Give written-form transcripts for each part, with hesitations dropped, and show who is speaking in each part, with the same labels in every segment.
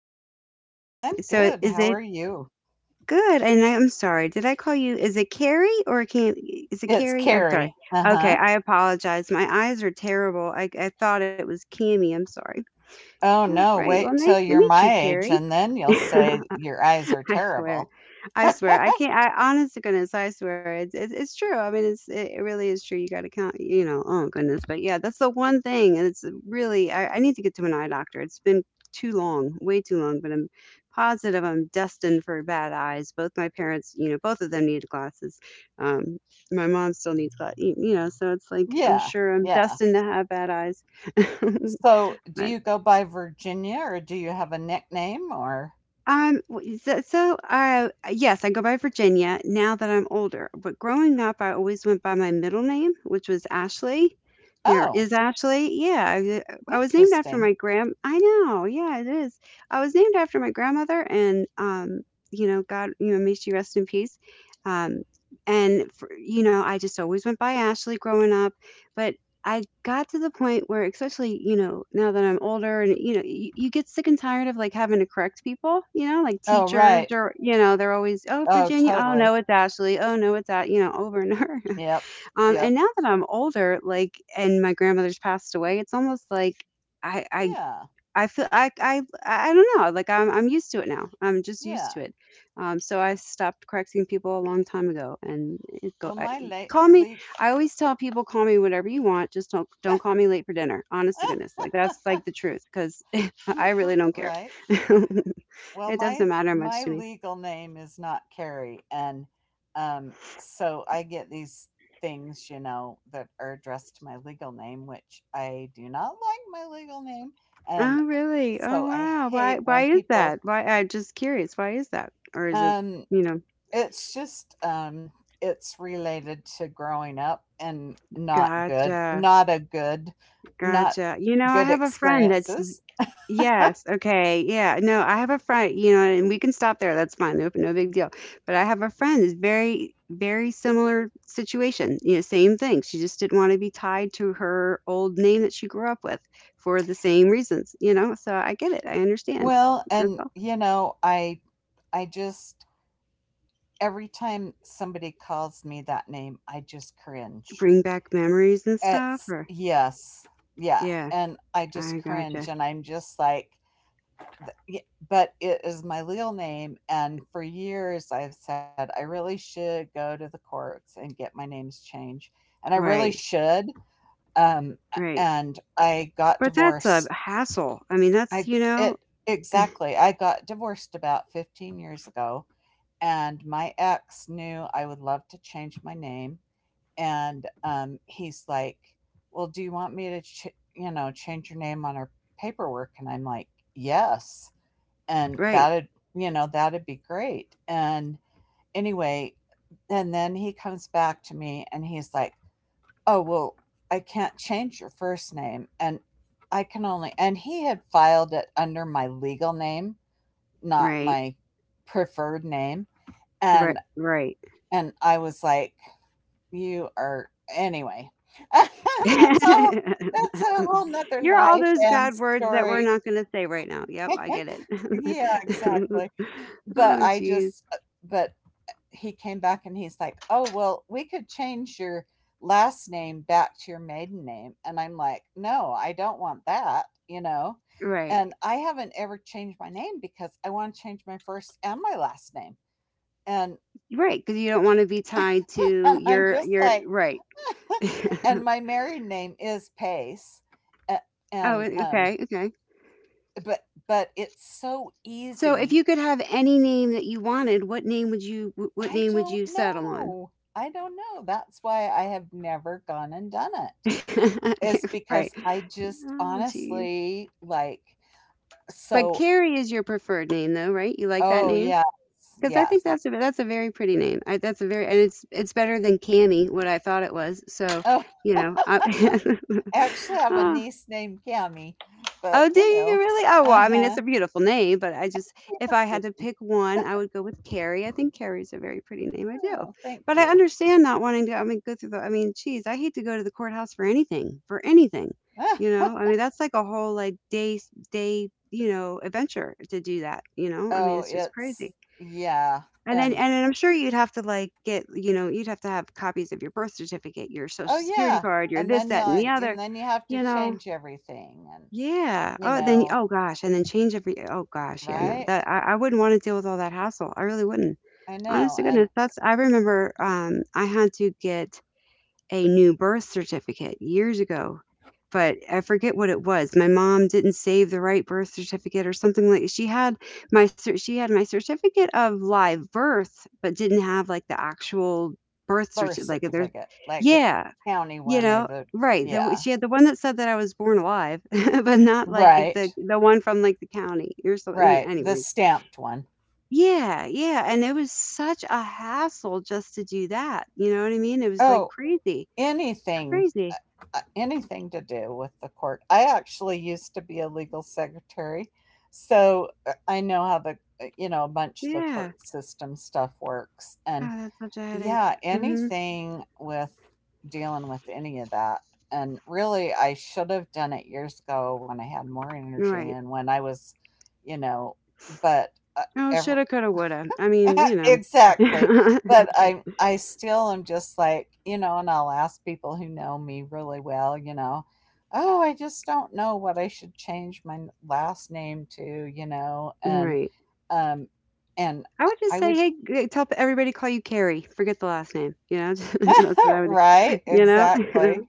Speaker 1: you? This,
Speaker 2: I'm
Speaker 1: so
Speaker 2: good.
Speaker 1: is
Speaker 2: How
Speaker 1: it
Speaker 2: are you?
Speaker 1: good? And I'm sorry. Did I call you? Is it Carrie or can is it
Speaker 2: It's
Speaker 1: Carrie? I'm sorry.
Speaker 2: Carrie. Uh
Speaker 1: Okay,
Speaker 2: huh.
Speaker 1: I apologize. My eyes are terrible. I thought it was Cammy. I'm sorry.
Speaker 2: Oh
Speaker 1: All
Speaker 2: no,
Speaker 1: right. Well,
Speaker 2: wait
Speaker 1: nice
Speaker 2: till
Speaker 1: to
Speaker 2: you're
Speaker 1: meet you,
Speaker 2: my age
Speaker 1: Carrie.
Speaker 2: and then you'll say
Speaker 1: I
Speaker 2: your eyes are terrible.
Speaker 1: swear. I swear, I can't. I honest to goodness, I swear, it's true. I mean, it really is true. You got to count, you know. Oh goodness, but yeah, that's the one thing, and it's really. I need to get to an eye doctor. It's been too long, way too long, but I'm positive I'm destined for bad eyes. Both my parents, you know, both of them needed glasses. Um, my mom still needs glasses, you know. So it's like I'm
Speaker 2: Yeah,
Speaker 1: sure I'm
Speaker 2: yeah.
Speaker 1: destined to have bad eyes.
Speaker 2: So do
Speaker 1: but
Speaker 2: you go by Virginia or do you have a nickname or?
Speaker 1: W- so, so Yes, I go by Virginia now that I'm older. But growing up, I always went by my middle name, which was Ashley. You know,
Speaker 2: Oh,
Speaker 1: is Ashley? Yeah, I was named after
Speaker 2: interesting.
Speaker 1: my grand. I know. Yeah, it is. I was named after my grandmother, and you know, God, you know, may she rest in peace. Um, and you know, I just always went by Ashley growing up. But I got to the point where, especially, you know, now that I'm older and, you know, you get sick and tired of like having to correct people, you know, like
Speaker 2: Oh, right.
Speaker 1: teachers or, you know, they're always, oh,
Speaker 2: Oh,
Speaker 1: Virginia, oh,
Speaker 2: totally.
Speaker 1: no, it's Ashley, oh, no, it's that, you know, over and over.
Speaker 2: Yep, yep.
Speaker 1: And now that I'm older, like, and my grandmother's passed away, it's almost like, I, I
Speaker 2: Yeah,
Speaker 1: I feel I don't know. Like I'm used to it now. I'm just used to
Speaker 2: yeah.
Speaker 1: it. So I stopped correcting people a long time ago. And it go
Speaker 2: Well,
Speaker 1: I,
Speaker 2: my late
Speaker 1: Call me.
Speaker 2: leak.
Speaker 1: I always tell people call me whatever you want. Just don't call me late for dinner. Honest to goodness, like that's like the truth because I really don't care.
Speaker 2: Right?
Speaker 1: It
Speaker 2: Well,
Speaker 1: doesn't
Speaker 2: my
Speaker 1: matter
Speaker 2: my
Speaker 1: much to me.
Speaker 2: legal name is not Carrie, and so I get these things, that are addressed to my legal name, which I do not like my legal name, and
Speaker 1: Oh really? Oh
Speaker 2: so I
Speaker 1: wow. Why
Speaker 2: hate when
Speaker 1: why is
Speaker 2: people.
Speaker 1: that? Why I'm just curious. Why is that? Or is it
Speaker 2: Um,
Speaker 1: you know?
Speaker 2: it's just it's related to growing up and not good,
Speaker 1: Gotcha.
Speaker 2: not
Speaker 1: Gotcha. You know, I
Speaker 2: good
Speaker 1: have a friend that's
Speaker 2: experiences.
Speaker 1: yes, okay. Yeah. No, I have a friend, you know, and we can stop there. That's fine. No, no big deal. But I have a friend is very, very similar situation. You know, same thing. She just didn't want to be tied to her old name that she grew up with for the same reasons, you know? So I get it. I understand.
Speaker 2: Well,
Speaker 1: That's
Speaker 2: and
Speaker 1: all.
Speaker 2: you know, I just every time somebody calls me that name, I just cringe.
Speaker 1: Bring back memories and stuff
Speaker 2: It's
Speaker 1: or
Speaker 2: yes, Yeah,
Speaker 1: yeah,
Speaker 2: and I just
Speaker 1: I gotcha.
Speaker 2: cringe, and I'm just like, yeah, but it is my legal name, and for years I've said I really should go to the courts and get my names changed, and I really
Speaker 1: Right.
Speaker 2: should. Um,
Speaker 1: Right.
Speaker 2: and I got
Speaker 1: But that's a
Speaker 2: divorced.
Speaker 1: hassle. I mean, that's,
Speaker 2: I
Speaker 1: you know,
Speaker 2: it exactly. I got divorced about 15 years ago, and my ex knew I would love to change my name and he's like, "Well, do you want me to, you know, change your name on our paperwork?" And I'm like, "Yes," and
Speaker 1: right.
Speaker 2: you know, that'd be great. And anyway, and then he comes back to me and he's like, "Oh, well, I can't change your first name, and I can only," and he had filed it under my legal name, not
Speaker 1: Right.
Speaker 2: my preferred name, and
Speaker 1: Right. Right.
Speaker 2: and I was like, you are anyway. That's all. That's a whole nother
Speaker 1: You're all
Speaker 2: life
Speaker 1: those
Speaker 2: and
Speaker 1: bad words that we're
Speaker 2: story.
Speaker 1: not gonna say right now. Yep, I get it.
Speaker 2: Yeah, exactly. But
Speaker 1: Oh,
Speaker 2: I
Speaker 1: jeez.
Speaker 2: just, but he came back and he's like, "Oh, well, we could change your last name back to your maiden name." And I'm like, "No, I don't want that," you know?
Speaker 1: Right.
Speaker 2: And I haven't ever changed my name because I want to change my first and my last name. And
Speaker 1: Right, 'cause you don't wanna be tied to
Speaker 2: and I'm
Speaker 1: your
Speaker 2: just
Speaker 1: your
Speaker 2: like,
Speaker 1: right.
Speaker 2: and my married name is Pace. a-
Speaker 1: Oh,
Speaker 2: And um,
Speaker 1: okay, okay.
Speaker 2: but it's so
Speaker 1: So if
Speaker 2: easy.
Speaker 1: you could have any name that you wanted, what name would you wh what
Speaker 2: I
Speaker 1: name would
Speaker 2: don't
Speaker 1: you settle on?
Speaker 2: know. I don't know. That's why I have never gone and done it. It's
Speaker 1: Right.
Speaker 2: because I just
Speaker 1: Oh, jeez.
Speaker 2: honestly like
Speaker 1: But
Speaker 2: so
Speaker 1: Carrie is your preferred name though, right? You like that
Speaker 2: oh yes,
Speaker 1: because I think
Speaker 2: yes.
Speaker 1: that's a very pretty name. That's a very and it's better than Canny, what I thought it was. So,
Speaker 2: Oh,
Speaker 1: you know, I,
Speaker 2: I actually have a
Speaker 1: oh,
Speaker 2: niece named Cami, but
Speaker 1: oh,
Speaker 2: you
Speaker 1: do you
Speaker 2: know,
Speaker 1: really? Oh, well, I mean, it's
Speaker 2: uh-huh.
Speaker 1: a beautiful name, but I just if
Speaker 2: Yes,
Speaker 1: I had to pick one, I would go with Carrie. I think Carrie's a very pretty name. I do,
Speaker 2: oh, thank
Speaker 1: but I
Speaker 2: you.
Speaker 1: understand not wanting to. I mean, go through the. I mean, geez, I hate to go to the courthouse for anything for anything. You know, I mean, that's like a whole like day you know adventure to do that. You know, I mean,
Speaker 2: Oh,
Speaker 1: it's just
Speaker 2: it's
Speaker 1: crazy.
Speaker 2: yeah.
Speaker 1: And then
Speaker 2: And
Speaker 1: and then I'm sure you'd have to, like, get you know, you'd have to have copies of your birth certificate, your Social
Speaker 2: oh,
Speaker 1: Security
Speaker 2: yeah,
Speaker 1: card, your this, that, and the
Speaker 2: and
Speaker 1: other,
Speaker 2: then you have to
Speaker 1: you know?
Speaker 2: change everything and,
Speaker 1: Yeah.
Speaker 2: you
Speaker 1: Oh, then
Speaker 2: know
Speaker 1: oh gosh, and then change every oh gosh, yeah, no,
Speaker 2: right?
Speaker 1: that I wouldn't wanna deal with all that hassle, I really wouldn't.
Speaker 2: I
Speaker 1: Honest
Speaker 2: know,
Speaker 1: to
Speaker 2: and
Speaker 1: goodness, that's I remember, I had to get a new birth certificate years ago, but I forget what it was. My mom didn't save the right birth certificate or something like she had she had my certificate of live birth, but didn't have like the actual birth
Speaker 2: birth
Speaker 1: certificate. Like there's,
Speaker 2: certificate, like the
Speaker 1: yeah,
Speaker 2: county
Speaker 1: you
Speaker 2: one or
Speaker 1: know,
Speaker 2: the
Speaker 1: right. The,
Speaker 2: yeah.
Speaker 1: she had the one that said that I was born alive, but not like the
Speaker 2: Right,
Speaker 1: the one from like the county or something.
Speaker 2: right,
Speaker 1: Anyway.
Speaker 2: the stamped one.
Speaker 1: Yeah, yeah. And it was such a hassle just to do that. You know what I mean? It was like
Speaker 2: Oh,
Speaker 1: crazy,
Speaker 2: anything,
Speaker 1: crazy.
Speaker 2: anything to do with the court. I actually used to be a legal secretary, so, I know how the, you know, a bunch of the court
Speaker 1: Yeah.
Speaker 2: system stuff works,
Speaker 1: Oh,
Speaker 2: and
Speaker 1: that's such a headache.
Speaker 2: yeah,
Speaker 1: Mhm.
Speaker 2: anything with dealing with any of that. And really, I should have done it years ago when I had more energy
Speaker 1: Right.
Speaker 2: and when I was, you know, but uh,
Speaker 1: Oh,
Speaker 2: ever
Speaker 1: shoulda, coulda, woulda. I mean, you know.
Speaker 2: exactly. But I still am just like, you know, and I'll ask people who know me really well, you know, oh, I just don't know what I should change my last name to, you know, and
Speaker 1: Right.
Speaker 2: um, and
Speaker 1: I
Speaker 2: I
Speaker 1: would just
Speaker 2: I
Speaker 1: say,
Speaker 2: would
Speaker 1: "Hey, g tell everybody to call you Carrie. Forget the last name." You know? That's what I would do,
Speaker 2: Right,
Speaker 1: you know?
Speaker 2: exactly,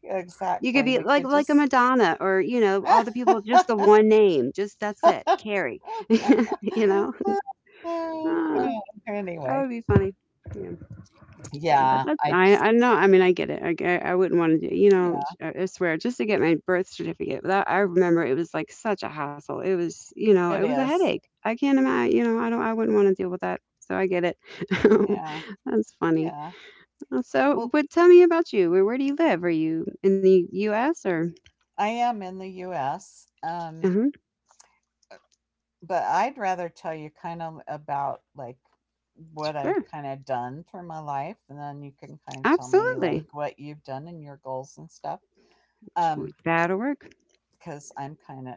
Speaker 1: You could
Speaker 2: exactly.
Speaker 1: be
Speaker 2: We
Speaker 1: like
Speaker 2: could
Speaker 1: a
Speaker 2: just
Speaker 1: Madonna or, you know, all the people just the one name. Just that's it, Carrie, you know? Ah, that
Speaker 2: anyway.
Speaker 1: would be funny. Yeah. But
Speaker 2: Yeah,
Speaker 1: that's,
Speaker 2: I
Speaker 1: I,
Speaker 2: just
Speaker 1: I know. I mean, I get it. I wouldn't want to do, you
Speaker 2: yeah,
Speaker 1: know, I swear, just to get my birth certificate. That I remember it was like such a hassle. It was, you know, it
Speaker 2: it
Speaker 1: was a
Speaker 2: is.
Speaker 1: headache. I can't imagine, you know, I don't, I wouldn't want to deal with that. So I get it.
Speaker 2: Yeah,
Speaker 1: That's funny.
Speaker 2: yeah.
Speaker 1: So,
Speaker 2: Well,
Speaker 1: but tell me about you. Where do you live? Are you in the U.S. or?
Speaker 2: I am in the US,
Speaker 1: uh
Speaker 2: uh, but I'd rather tell you kind of about, like, what
Speaker 1: Sure,
Speaker 2: I've kinda done for my life, and then you can kind of tell me, like,
Speaker 1: absolutely.
Speaker 2: what you've done and your goals and stuff. Um,
Speaker 1: That'll work.
Speaker 2: because I'm kind of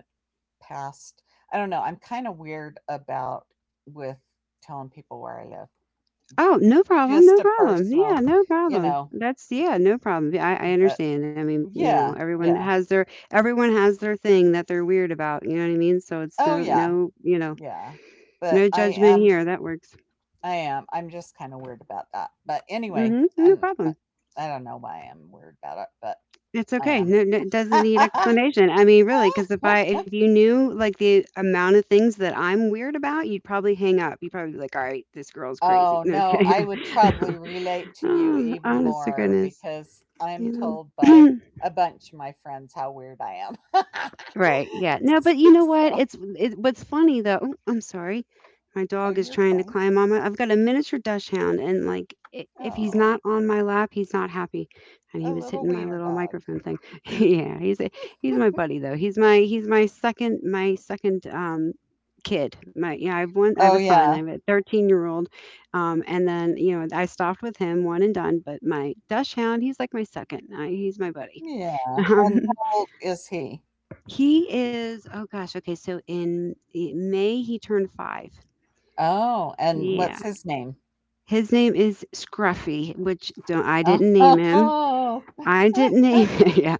Speaker 2: past. I don't know. I'm kind of weird about with telling people where I live.
Speaker 1: Oh, no problem, no
Speaker 2: Just a
Speaker 1: problem.
Speaker 2: personal,
Speaker 1: Yeah, no
Speaker 2: you
Speaker 1: problem.
Speaker 2: know.
Speaker 1: That's yeah, no problem. Yeah, I
Speaker 2: But
Speaker 1: understand. I mean, you know,
Speaker 2: yeah, yeah.
Speaker 1: everyone has their thing that they're weird about. You know what I mean? So it's
Speaker 2: Oh
Speaker 1: no
Speaker 2: yeah,
Speaker 1: no you know
Speaker 2: yeah. But
Speaker 1: no
Speaker 2: I
Speaker 1: judgment
Speaker 2: am.
Speaker 1: here. That works.
Speaker 2: I am. I'm just kind of weird about that. But anyway,
Speaker 1: Hmm. No
Speaker 2: and I,
Speaker 1: problem.
Speaker 2: I don't know why I'm weird about it, but
Speaker 1: It's
Speaker 2: I
Speaker 1: okay. No, no, it doesn't need
Speaker 2: am.
Speaker 1: explanation. I mean, really, because if you knew like the amount of things that I'm weird about, you'd probably hang up. You'd probably be like, "All right, this girl's crazy."
Speaker 2: Oh,
Speaker 1: No, just
Speaker 2: no, I
Speaker 1: kidding.
Speaker 2: would probably relate to you
Speaker 1: Oh,
Speaker 2: even
Speaker 1: honest to
Speaker 2: more
Speaker 1: goodness,
Speaker 2: because I'm
Speaker 1: you
Speaker 2: told by
Speaker 1: know.
Speaker 2: a bunch of my friends how weird I am.
Speaker 1: Right. Yeah. No, but
Speaker 2: S-
Speaker 1: you know what?
Speaker 2: So,
Speaker 1: What's funny though. Oh, I'm sorry. My
Speaker 2: oh,
Speaker 1: dog is
Speaker 2: you're
Speaker 1: trying to
Speaker 2: fine.
Speaker 1: climb on my. I've got a miniature dash hound, and like, if he's
Speaker 2: Oh,
Speaker 1: not on my lap, he's not happy. And he
Speaker 2: a
Speaker 1: was
Speaker 2: little
Speaker 1: hitting my
Speaker 2: wiener
Speaker 1: little
Speaker 2: dog.
Speaker 1: microphone thing. Yeah, he's my buddy though. He's my second kid. My Yeah, I have one. I have
Speaker 2: Oh,
Speaker 1: a son. I
Speaker 2: yeah.
Speaker 1: have a 13-year-old. And then you know I stopped with him one and done. But my dash hound, he's like my second. He's my buddy.
Speaker 2: Yeah. And how old is he?
Speaker 1: He is, oh gosh, okay, so May he turned five.
Speaker 2: Oh, and
Speaker 1: Yeah.
Speaker 2: what's his name?
Speaker 1: His name is Scruffy, which don't, I didn't name him.
Speaker 2: Oh,
Speaker 1: I didn't name him.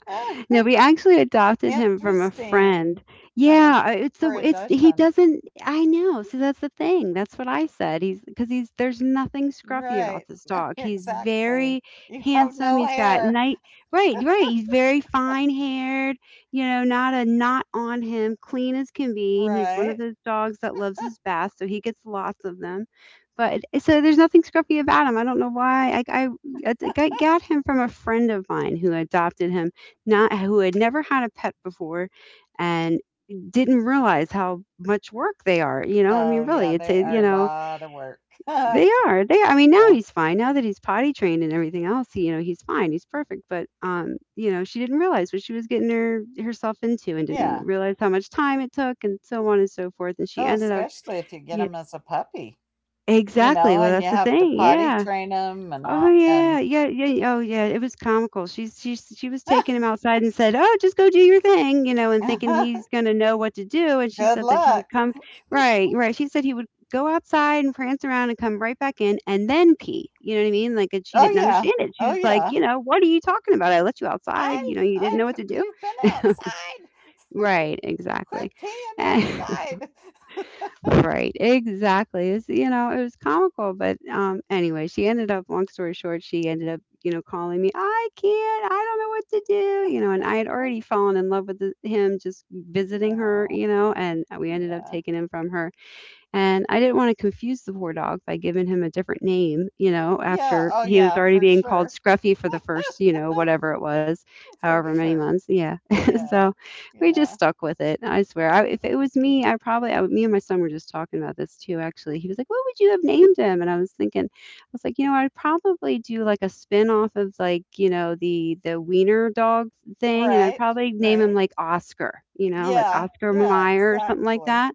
Speaker 1: No, we actually adopted him from a friend.
Speaker 2: interesting from a
Speaker 1: Yeah, I- it's the
Speaker 2: for a
Speaker 1: it's
Speaker 2: Dutch
Speaker 1: he doesn't. I know. See, that's the thing. That's what I said. He's because he's there's nothing scruffy about
Speaker 2: right.
Speaker 1: this dog. He's
Speaker 2: Exactly.
Speaker 1: very
Speaker 2: You have
Speaker 1: handsome.
Speaker 2: no
Speaker 1: He's got
Speaker 2: hair.
Speaker 1: night. Right, right. He's very fine haired. You know, not a knot on him. Clean as can be. And he's one of
Speaker 2: Right.
Speaker 1: those dogs that loves his bath, so he gets lots of them. But so there's nothing scruffy about him. I don't know why. I, I got him from a friend of mine who adopted him not who had never had a pet before and didn't realize how much work they are. You know, I mean,
Speaker 2: Oh, yeah,
Speaker 1: really, it's
Speaker 2: they
Speaker 1: a,
Speaker 2: are
Speaker 1: you
Speaker 2: a
Speaker 1: know,
Speaker 2: lot of work.
Speaker 1: they are. They, I mean, now
Speaker 2: Yeah.
Speaker 1: he's fine. Now that he's potty trained and everything else, he, you know, he's fine. He's perfect. But, you know, she didn't realize what she was getting herself into and didn't
Speaker 2: Yeah.
Speaker 1: realize how much time it took and so on and so forth. And she
Speaker 2: Oh,
Speaker 1: ended up,
Speaker 2: especially if you get
Speaker 1: yeah,
Speaker 2: them as a puppy, you
Speaker 1: exactly.
Speaker 2: know,
Speaker 1: Well,
Speaker 2: and you
Speaker 1: that's the
Speaker 2: have to
Speaker 1: thing.
Speaker 2: potty
Speaker 1: Yeah.
Speaker 2: train them and
Speaker 1: Oh
Speaker 2: all and
Speaker 1: yeah, yeah, yeah. Oh yeah, it was comical. She was taking him outside and said, "Oh, just go do your thing," you know, and thinking he's gonna know what to do. And she
Speaker 2: Good
Speaker 1: said that he would
Speaker 2: luck.
Speaker 1: come right, right. She said he would go outside and prance around and come right back in and then pee. You know what I mean? Like, and she
Speaker 2: Oh,
Speaker 1: didn't
Speaker 2: yeah.
Speaker 1: understand it. She
Speaker 2: Oh,
Speaker 1: was like,
Speaker 2: yeah.
Speaker 1: what are you talking about? I let you outside.
Speaker 2: "I
Speaker 1: You didn't know what
Speaker 2: I've
Speaker 1: to do.
Speaker 2: you've been outside.
Speaker 1: Right,
Speaker 2: Quit
Speaker 1: exactly.
Speaker 2: peeing inside."
Speaker 1: Right, exactly. It was comical, but anyway, she ended up. Long story short, she ended up, calling me. I can't. I don't know what to do. And I had already fallen in love with the, him just visiting her.
Speaker 2: Oh,
Speaker 1: And we ended up
Speaker 2: yeah.
Speaker 1: taking him from her and I didn't want to confuse the poor dog by giving him a different name,
Speaker 2: Yeah.
Speaker 1: after
Speaker 2: Oh,
Speaker 1: he was
Speaker 2: yeah,
Speaker 1: already
Speaker 2: for
Speaker 1: being called
Speaker 2: sure.
Speaker 1: Scruffy for the first, whatever it was,
Speaker 2: For
Speaker 1: however many
Speaker 2: sure.
Speaker 1: months. Yeah.
Speaker 2: Yeah,
Speaker 1: so we just
Speaker 2: yeah.
Speaker 1: stuck with it. I swear. I, if it was me, I probably, I, would- me and my son were just talking about this too, actually. He was like, what would you have named him? And I was thinking, I was like, I'd probably do like a spin off of like, the wiener dog thing. And I'd
Speaker 2: Right,
Speaker 1: probably name
Speaker 2: right.
Speaker 1: him like Oscar, like
Speaker 2: Yeah,
Speaker 1: Oscar
Speaker 2: yeah,
Speaker 1: Mayer or something like
Speaker 2: exactly,
Speaker 1: that.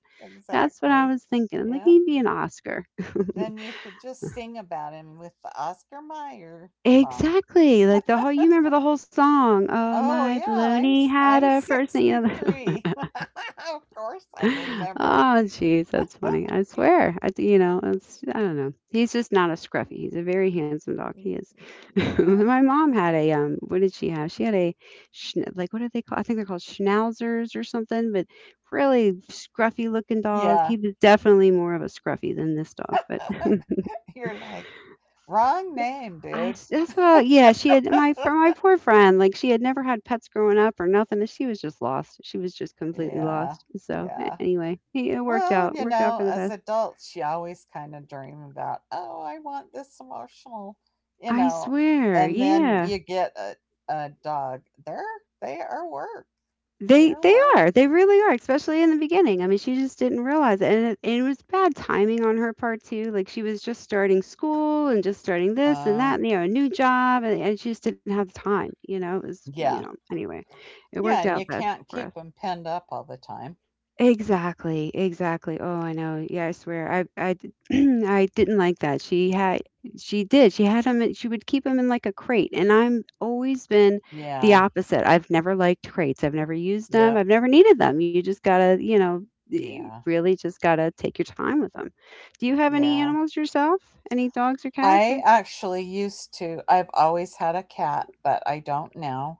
Speaker 1: That's what I
Speaker 2: exactly.
Speaker 1: was thinking. I'm like,
Speaker 2: Yep.
Speaker 1: "He'd be an Oscar."
Speaker 2: Then you could just sing about him with the Oscar Mayer song.
Speaker 1: Exactly, like, the whole you remember the whole song, "Oh,
Speaker 2: Oh
Speaker 1: my
Speaker 2: yeah,
Speaker 1: baloney had
Speaker 2: I'm
Speaker 1: a first name," you know?
Speaker 2: 63. Of course I'd
Speaker 1: Oh,
Speaker 2: remember.
Speaker 1: jeez, that's funny. I swear, it's I don't know. He's just not a scruffy. He's a very handsome dog. He is.
Speaker 2: Yeah,
Speaker 1: My mom had a, what did she have? She had a schn like, what are they called? I think they're called schnauzers or something, but really scruffy looking dog.
Speaker 2: yeah.
Speaker 1: He was definitely more of a scruffy than this dog, but
Speaker 2: You're like, wrong name,
Speaker 1: I
Speaker 2: dude.
Speaker 1: s that's well, yeah, she had my for my poor friend, like, she had never had pets growing up or nothing, and she was just lost. She was just completely
Speaker 2: Yeah,
Speaker 1: lost. So,
Speaker 2: yeah.
Speaker 1: anyway, it
Speaker 2: Well, you
Speaker 1: worked out for
Speaker 2: know,
Speaker 1: the
Speaker 2: as
Speaker 1: best.
Speaker 2: adults, she always kind of dream about, oh, I want this emotional, you
Speaker 1: I
Speaker 2: know,
Speaker 1: swear,
Speaker 2: and then
Speaker 1: yeah.
Speaker 2: you get a dog. They are work. They
Speaker 1: They
Speaker 2: are
Speaker 1: they
Speaker 2: work.
Speaker 1: are, they really are, especially in the beginning. I mean, she just didn't realize it, and it was bad timing on her part too. Like, she was just starting school and just starting this and
Speaker 2: Oh,
Speaker 1: that, and, a new job, and she just didn't have the time, you know? It was,
Speaker 2: yeah.
Speaker 1: anyway, it
Speaker 2: Yeah.
Speaker 1: worked
Speaker 2: And
Speaker 1: out
Speaker 2: you
Speaker 1: best
Speaker 2: can't
Speaker 1: for us.
Speaker 2: keep them penned up all the time.
Speaker 1: Exactly, exactly. Oh, I know. Yeah, I swear. I didn't like that. She had she did. She had him she would keep him in like a crate. And I'm always been the
Speaker 2: Yeah.
Speaker 1: opposite. I've never liked crates. I've never used them.
Speaker 2: Yep.
Speaker 1: I've never needed them. You just gotta, you
Speaker 2: Yeah.
Speaker 1: really just gotta take your time with them. Do you have any
Speaker 2: Yeah.
Speaker 1: animals yourself? Any dogs or cats
Speaker 2: I
Speaker 1: or
Speaker 2: actually used to, I've always had a cat, but I don't now.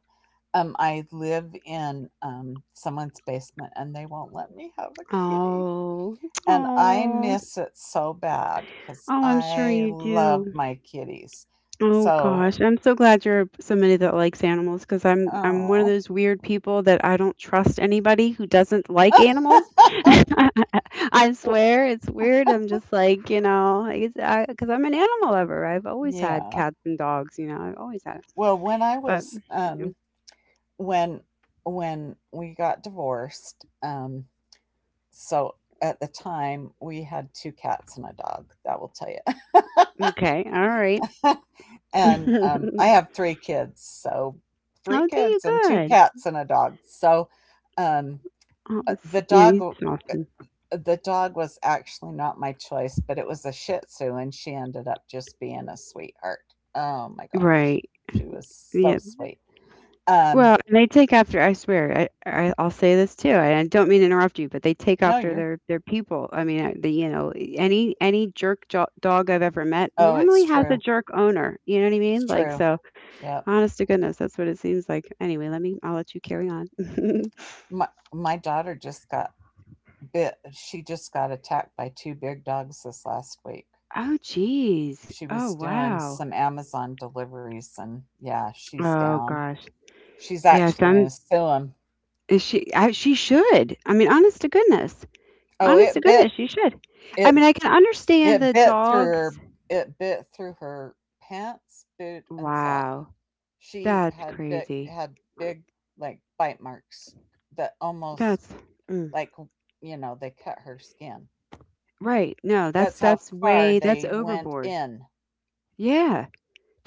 Speaker 2: I live in someone's basement and they won't let me have a kitty.
Speaker 1: Oh.
Speaker 2: And I
Speaker 1: Oh.
Speaker 2: miss it so bad because
Speaker 1: Oh, I'm sure
Speaker 2: I
Speaker 1: you
Speaker 2: love
Speaker 1: do.
Speaker 2: my kitties.
Speaker 1: Oh
Speaker 2: So
Speaker 1: gosh, I'm so glad you're somebody that likes animals because I'm one of
Speaker 2: oh.
Speaker 1: those weird people that I don't trust anybody who doesn't like animals. I
Speaker 2: Well
Speaker 1: swear it's weird. I'm just like because 'cause I'm an animal lover. I've always had
Speaker 2: yeah.
Speaker 1: cats and dogs. I've always had it.
Speaker 2: Well, when I
Speaker 1: But
Speaker 2: was,
Speaker 1: mm,
Speaker 2: when when we got divorced, so at the time, we had two cats and a dog, that will tell you.
Speaker 1: okay, all right. I'll
Speaker 2: And, I have three kids, so three
Speaker 1: do you
Speaker 2: kids and two
Speaker 1: good.
Speaker 2: cats and a dog. So, um,
Speaker 1: Oh,
Speaker 2: uh,
Speaker 1: it's-
Speaker 2: the
Speaker 1: yeah,
Speaker 2: dog
Speaker 1: it's
Speaker 2: uh,
Speaker 1: awesome.
Speaker 2: the dog was actually not my choice, but it was a Shih Tzu, and she ended up just being a sweetheart. Oh my gosh,
Speaker 1: Right.
Speaker 2: she was so
Speaker 1: Yeah.
Speaker 2: sweet. Um,
Speaker 1: Well, and they take after I swear, I'll say this too. And I don't mean to interrupt you, but they take
Speaker 2: no,
Speaker 1: after
Speaker 2: you're.
Speaker 1: their people. I mean, the any dog I've ever met
Speaker 2: Oh, it's
Speaker 1: normally has a
Speaker 2: true.
Speaker 1: jerk owner. You know what I
Speaker 2: It's
Speaker 1: mean? Like
Speaker 2: true.
Speaker 1: so,
Speaker 2: Yep.
Speaker 1: honest to goodness, that's what it seems like. Anyway, let me I'll let you carry on.
Speaker 2: My my daughter just got bit. She just got attacked by two big dogs this last week.
Speaker 1: Oh geez.
Speaker 2: She
Speaker 1: Oh
Speaker 2: was doing
Speaker 1: wow.
Speaker 2: some Amazon deliveries, and yeah, she's
Speaker 1: Oh
Speaker 2: down.
Speaker 1: gosh.
Speaker 2: She's
Speaker 1: Yeah,
Speaker 2: actually
Speaker 1: some
Speaker 2: gonna sue 'em.
Speaker 1: is she she should. I mean, honest to goodness.
Speaker 2: Oh,
Speaker 1: Honest to
Speaker 2: it bit.
Speaker 1: goodness, she should. I mean,
Speaker 2: It
Speaker 1: I can understand
Speaker 2: It
Speaker 1: the
Speaker 2: bit through
Speaker 1: dogs.
Speaker 2: her it bit through her pants, boot, and sock.
Speaker 1: Wow.
Speaker 2: She
Speaker 1: That's
Speaker 2: had big
Speaker 1: crazy.
Speaker 2: had big, like, bite marks that almost,
Speaker 1: That's mm,
Speaker 2: like, you know, they cut her skin.
Speaker 1: right. No, that's
Speaker 2: That's how
Speaker 1: that's
Speaker 2: far
Speaker 1: way that's
Speaker 2: they went
Speaker 1: overboard.
Speaker 2: in.
Speaker 1: Yeah.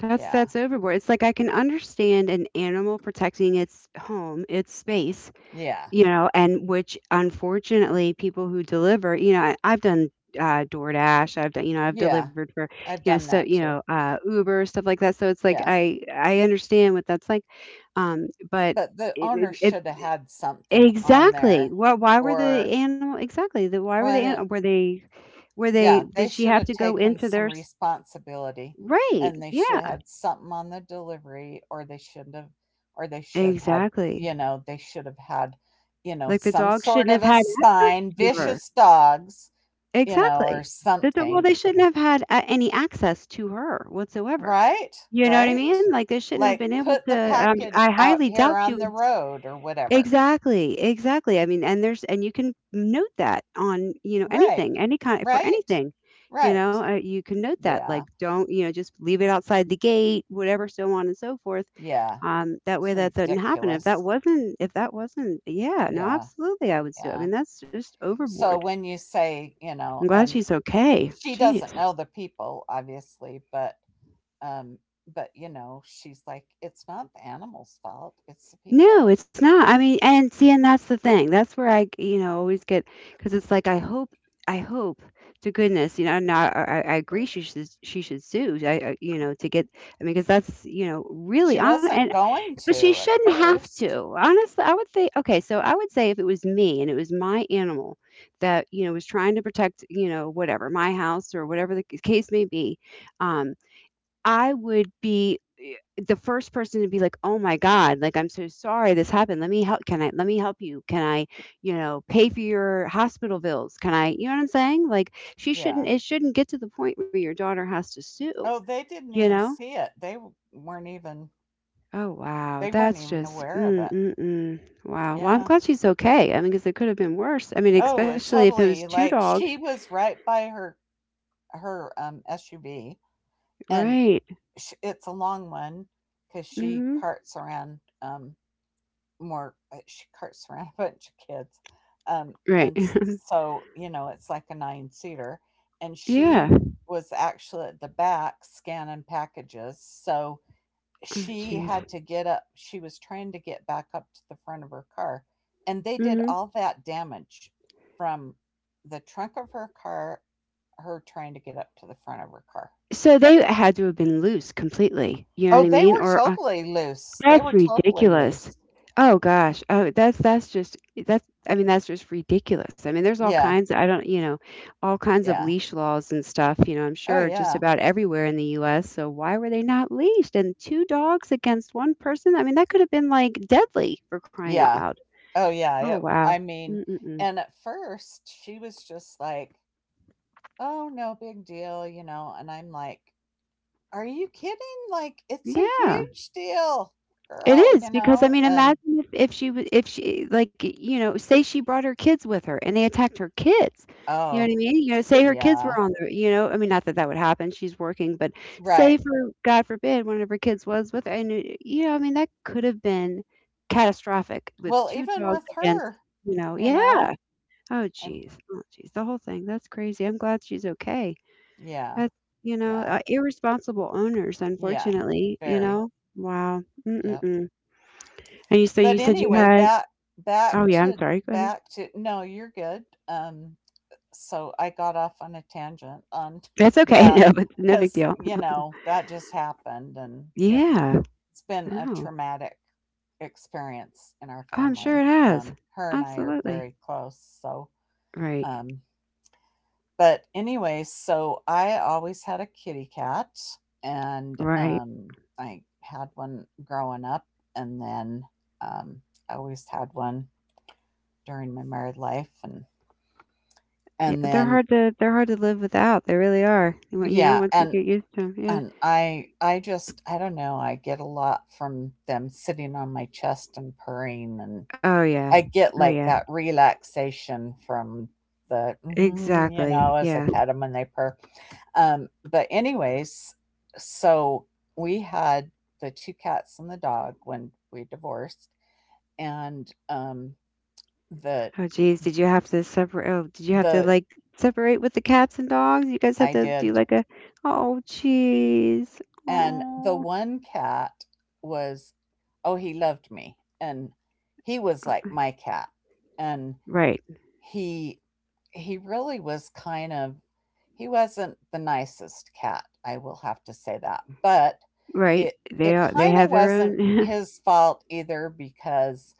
Speaker 1: That's
Speaker 2: Yeah.
Speaker 1: that's overboard. It's like I can understand an animal protecting its home, its space,
Speaker 2: Yeah.
Speaker 1: and which unfortunately people who deliver, I've done DoorDash, I've done, I've
Speaker 2: Yeah.
Speaker 1: delivered for,
Speaker 2: I've done
Speaker 1: so,
Speaker 2: that too.
Speaker 1: Uber, stuff like that. So it's like
Speaker 2: Yeah.
Speaker 1: I understand what that's like. Um, but
Speaker 2: But the owner
Speaker 1: it, it,
Speaker 2: shoulda
Speaker 1: it
Speaker 2: had something on
Speaker 1: exactly.
Speaker 2: there
Speaker 1: Why were the
Speaker 2: or
Speaker 1: animal exactly, the why
Speaker 2: well,
Speaker 1: were
Speaker 2: I
Speaker 1: they an
Speaker 2: didn't
Speaker 1: were they
Speaker 2: Yeah, they
Speaker 1: did she
Speaker 2: should
Speaker 1: have
Speaker 2: have
Speaker 1: to go
Speaker 2: taken
Speaker 1: into
Speaker 2: some
Speaker 1: their s
Speaker 2: responsibility, and
Speaker 1: right,
Speaker 2: they should have
Speaker 1: yeah.
Speaker 2: had something on the delivery, or they shouldn't have or they should have had you
Speaker 1: Exactly.
Speaker 2: know, they should have had, you know,
Speaker 1: Like, the
Speaker 2: some
Speaker 1: dog
Speaker 2: sort
Speaker 1: shouldn't
Speaker 2: of
Speaker 1: have
Speaker 2: a
Speaker 1: had access
Speaker 2: sign,
Speaker 1: to her.
Speaker 2: "Vicious dogs," you know, or
Speaker 1: Exactly. The do well,
Speaker 2: something.
Speaker 1: they shouldn't have had a any access to her whatsoever.
Speaker 2: Right?
Speaker 1: You know what I
Speaker 2: Right?
Speaker 1: mean? Like, they shouldn't have
Speaker 2: Like,
Speaker 1: been able
Speaker 2: "Put
Speaker 1: to,
Speaker 2: the
Speaker 1: I
Speaker 2: package out
Speaker 1: highly doubt
Speaker 2: here
Speaker 1: she
Speaker 2: on
Speaker 1: was
Speaker 2: the road," or whatever.
Speaker 1: exactly, exactly. I mean, and there's and you can note that on,
Speaker 2: Right.
Speaker 1: anything, any kind for
Speaker 2: Right?
Speaker 1: anything.
Speaker 2: Right.
Speaker 1: You can note that,
Speaker 2: Yeah.
Speaker 1: like, don't, just leave it outside the gate, whatever, so on and so forth.
Speaker 2: Yeah.
Speaker 1: That
Speaker 2: It's
Speaker 1: way that doesn't happen.
Speaker 2: ridiculous.
Speaker 1: If that wasn't, yeah, no,
Speaker 2: Yeah.
Speaker 1: absolutely, I would sue. I
Speaker 2: Yeah.
Speaker 1: mean, that's just
Speaker 2: So
Speaker 1: overboard.
Speaker 2: when you say, you know,
Speaker 1: I'm glad
Speaker 2: and
Speaker 1: she's okay.
Speaker 2: she doesn't
Speaker 1: Jeez.
Speaker 2: know the people, obviously, um, but you know, she's like, it's not the animal's fault, it's the people.
Speaker 1: No, it's not. I mean, and see, and that's the thing. That's where I, always get because it's like I hope to goodness, not. I agree she should sue. To get. I mean, because that's really
Speaker 2: She
Speaker 1: on and
Speaker 2: wasn't going
Speaker 1: but she
Speaker 2: to at
Speaker 1: shouldn't have
Speaker 2: first.
Speaker 1: to. Honestly, I would say okay. So I would say if it was me and it was my animal that was trying to protect whatever my house or whatever the case may be, um, I would be eh, the first person to be like, "Oh my god, like I'm so sorry this happened. Let me help. Can I let me help you? Can I, pay for your hospital bills? Can I, you know what I'm saying? Like she
Speaker 2: Yeah.
Speaker 1: shouldn't it shouldn't get to the point where your daughter has to sue,
Speaker 2: Oh, they didn't
Speaker 1: you
Speaker 2: even
Speaker 1: know?
Speaker 2: see it. They weren't even
Speaker 1: Oh wow,
Speaker 2: they weren't
Speaker 1: that's
Speaker 2: even
Speaker 1: just
Speaker 2: aware of
Speaker 1: mm,
Speaker 2: it.
Speaker 1: mm, mm. Wow. Well, I'm
Speaker 2: Yeah.
Speaker 1: glad she's okay. I mean, because it could have been worse. I mean,
Speaker 2: Oh, it
Speaker 1: especially if it was
Speaker 2: totally
Speaker 1: two
Speaker 2: like
Speaker 1: dogs,
Speaker 2: she was right by her SUV and
Speaker 1: right?
Speaker 2: sh it's a long one cuz she
Speaker 1: Hmm.
Speaker 2: carts around more she carts around a bunch of kids, um,
Speaker 1: Right.
Speaker 2: and s so, you know, it's like a nine-seater, and
Speaker 1: yeah.
Speaker 2: she was actually at the back scanning packages, so
Speaker 1: Oh,
Speaker 2: she
Speaker 1: jeez.
Speaker 2: had to get up she was trying to get back up to the front of her car, and they did
Speaker 1: Hmm.
Speaker 2: all that damage from the trunk of her car, her trying to get up to the front of her car.
Speaker 1: So they had to have been loose completely, you know
Speaker 2: Oh,
Speaker 1: what I mean? Or
Speaker 2: they
Speaker 1: that's
Speaker 2: were totally
Speaker 1: ridiculous.
Speaker 2: loose.
Speaker 1: Oh gosh. Oh, that's just that's I mean that's just ridiculous. I mean there's all
Speaker 2: Yeah,
Speaker 1: kinds I don't, all kinds of
Speaker 2: yeah.
Speaker 1: leash laws and stuff, I'm
Speaker 2: Oh,
Speaker 1: sure just
Speaker 2: yeah.
Speaker 1: about everywhere in the US. So why were they not leashed? And two dogs against one person? I mean that could have been like deadly for crying out
Speaker 2: Yeah.
Speaker 1: loud.
Speaker 2: Oh, yeah,
Speaker 1: Oh
Speaker 2: it
Speaker 1: wow.
Speaker 2: I mean
Speaker 1: Mm-mm-mm.
Speaker 2: and at first, she was just like, "Oh, no big deal," you know, and I'm like, "Are you kidding? Like, it's a
Speaker 1: Yeah.
Speaker 2: huge deal,
Speaker 1: It
Speaker 2: girl,"
Speaker 1: is
Speaker 2: you
Speaker 1: because, I
Speaker 2: know,
Speaker 1: mean,
Speaker 2: and
Speaker 1: imagine if she w if she like, say she brought her kids with her and they attacked her kids, you know what
Speaker 2: oh,
Speaker 1: I mean? Say her kids
Speaker 2: yeah,
Speaker 1: were on the I mean, not that that would happen, she's working, but
Speaker 2: right.
Speaker 1: say for God forbid, one of her kids was with her and, y you know, I mean, that could have been catastrophic with
Speaker 2: Well,
Speaker 1: 2
Speaker 2: even
Speaker 1: dogs
Speaker 2: with
Speaker 1: against,
Speaker 2: her, you know,
Speaker 1: yeah. Oh,
Speaker 2: and
Speaker 1: geez, oh, jeez, the whole thing, that's crazy. I'm glad she's okay.
Speaker 2: yeah,
Speaker 1: That's
Speaker 2: yeah,
Speaker 1: irresponsible owners,
Speaker 2: yeah,
Speaker 1: unfortunately, you
Speaker 2: very,
Speaker 1: know? Wow. Mm, mm,
Speaker 2: yep.
Speaker 1: mm. And you so you
Speaker 2: But
Speaker 1: said you
Speaker 2: anyway,
Speaker 1: had oh
Speaker 2: back
Speaker 1: yeah, I'm
Speaker 2: to
Speaker 1: sorry, go ahead.
Speaker 2: back to no, you're good, so I got off on a tangent on
Speaker 1: That's okay.
Speaker 2: that
Speaker 1: No, but no big
Speaker 2: because,
Speaker 1: deal.
Speaker 2: you know, that just happened and it,
Speaker 1: Yeah.
Speaker 2: it's been a
Speaker 1: No. Oh,
Speaker 2: traumatic experience in our
Speaker 1: I'm sure
Speaker 2: family.
Speaker 1: it has.
Speaker 2: Her and I are very
Speaker 1: Absolutely.
Speaker 2: close. So,
Speaker 1: Right.
Speaker 2: um, but anyway, so I always had a kitty cat, and
Speaker 1: Right.
Speaker 2: I had one growing up, and then um, I always had one during my married life, and
Speaker 1: Yeah,
Speaker 2: and then
Speaker 1: they're hard to live without. They really are. You want-
Speaker 2: yeah,
Speaker 1: once you
Speaker 2: and
Speaker 1: get used to 'em, yeah.
Speaker 2: and i i just, I don't know, I get a lot from them sitting on my chest and purring, and
Speaker 1: Oh yeah.
Speaker 2: I get
Speaker 1: Oh
Speaker 2: like
Speaker 1: yeah.
Speaker 2: that relaxation from the "Mhm," you know,
Speaker 1: Exactly.
Speaker 2: as I
Speaker 1: Yeah.
Speaker 2: pet them and they purr. But anyways, so we had the two cats and the dog when we divorced, and the
Speaker 1: Oh geez, did you have to separate? Oh, did you have to
Speaker 2: the
Speaker 1: like separate with the cats and dogs? You guys have
Speaker 2: I
Speaker 1: to do
Speaker 2: did.
Speaker 1: like a oh geez.
Speaker 2: And the
Speaker 1: Oh.
Speaker 2: one cat was, oh, he loved me. And he was like
Speaker 1: Uh,
Speaker 2: my cat. And
Speaker 1: right.
Speaker 2: he, he really was kind of— he wasn't the nicest cat. I will have to say that. But
Speaker 1: Right.
Speaker 2: it,
Speaker 1: They
Speaker 2: it
Speaker 1: are, they
Speaker 2: kind of
Speaker 1: have their
Speaker 2: wasn't
Speaker 1: own.
Speaker 2: his fault either, because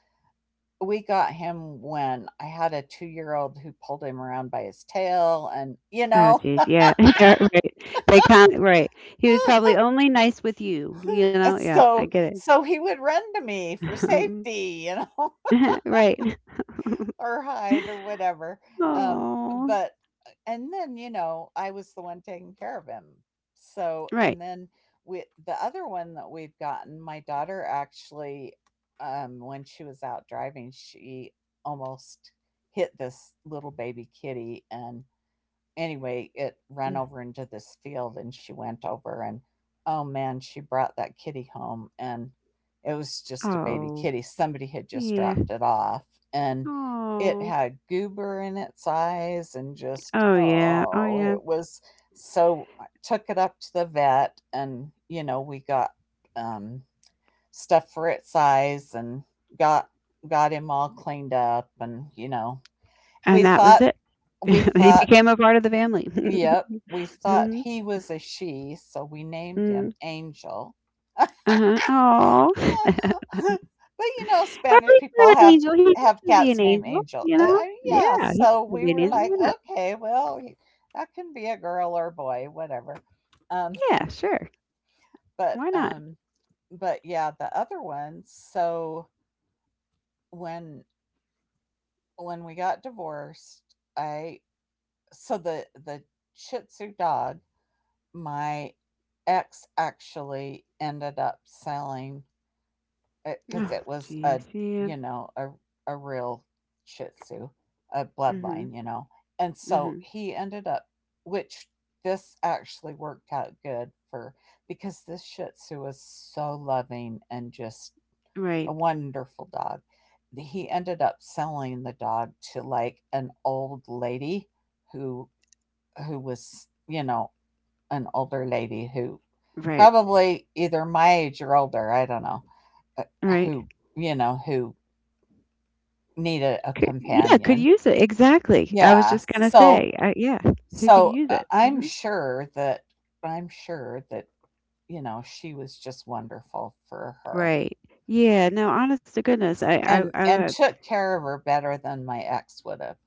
Speaker 2: we got him when I had a 2-year old who pulled him around by his tail and, you
Speaker 1: Oh,
Speaker 2: know,
Speaker 1: jeez. Yeah. Yeah. Right. They can't. Right. He was probably only nice with you. You know.
Speaker 2: and
Speaker 1: Yeah. I
Speaker 2: so
Speaker 1: get
Speaker 2: so he would run to me for
Speaker 1: it.
Speaker 2: safety, you know,
Speaker 1: right.
Speaker 2: or hide or whatever. Um,
Speaker 1: Oh.
Speaker 2: but and then, you know, I was the one taking care of him. So,
Speaker 1: Right.
Speaker 2: and then we— the other one that we've gotten, my daughter actually, when she was out driving, she almost hit this little baby kitty, and anyway, it ran over
Speaker 1: Mm.
Speaker 2: into this field and she went over and, oh man, she brought that kitty home, and it was just a baby
Speaker 1: Oh.
Speaker 2: kitty. Somebody had just
Speaker 1: Yeah.
Speaker 2: dropped it off, and it
Speaker 1: Oh.
Speaker 2: had goober in its eyes, and just—
Speaker 1: Oh yeah. Oh
Speaker 2: oh,
Speaker 1: yeah.
Speaker 2: it was— so I took it up to the vet and, you know, we got um stuff for its eyes, and got got him all cleaned up, and, you know, we
Speaker 1: And that was
Speaker 2: thought—
Speaker 1: it.
Speaker 2: we
Speaker 1: He
Speaker 2: thought
Speaker 1: became a part of the family.
Speaker 2: yep, we thought
Speaker 1: Mhm.
Speaker 2: he was a she, so we named
Speaker 1: Mm.
Speaker 2: him Angel. But,
Speaker 1: Uh-huh. Oh.
Speaker 2: you know,
Speaker 1: But
Speaker 2: Spanish
Speaker 1: he's still
Speaker 2: people
Speaker 1: an
Speaker 2: have
Speaker 1: angel. He can
Speaker 2: have
Speaker 1: still be an
Speaker 2: cats named
Speaker 1: angel.
Speaker 2: Angel.
Speaker 1: You know.
Speaker 2: Yeah,
Speaker 1: Yeah. He can
Speaker 2: so
Speaker 1: still
Speaker 2: we
Speaker 1: be an
Speaker 2: were
Speaker 1: angel.
Speaker 2: like,
Speaker 1: Why not?
Speaker 2: okay, well, that can be a girl or a boy, whatever. Um,
Speaker 1: Yeah. Sure.
Speaker 2: but
Speaker 1: Why not?
Speaker 2: um, but yeah, the other one. So when when we got divorced, I— so the Shih Tzu dog— my ex actually ended up selling it, because it
Speaker 1: Oh,
Speaker 2: was a,
Speaker 1: jeez. Yeah.
Speaker 2: you know, a real Shih Tzu, a
Speaker 1: Mhm.
Speaker 2: bloodline, you know, and so
Speaker 1: Mhm.
Speaker 2: he ended up— which this actually worked out good for, because this Shih Tzu was so loving and just
Speaker 1: Right.
Speaker 2: a wonderful dog. He ended up selling the dog to, like, an old lady who who was, you know, an older lady who
Speaker 1: Right.
Speaker 2: probably either my age or older, I don't know, uh,
Speaker 1: Right.
Speaker 2: who, you know, who need a
Speaker 1: Could, yeah, could
Speaker 2: companion.
Speaker 1: use it. Exactly. I was
Speaker 2: Yeah.
Speaker 1: just gonna
Speaker 2: So,
Speaker 1: say. Yeah, who could use it?
Speaker 2: I'm
Speaker 1: Hmm.
Speaker 2: sure that— I'm sure that, you know, she was just wonderful for her,
Speaker 1: Right. Yeah. No. Honest to goodness,
Speaker 2: and,
Speaker 1: I
Speaker 2: and took care of her better than my ex would have.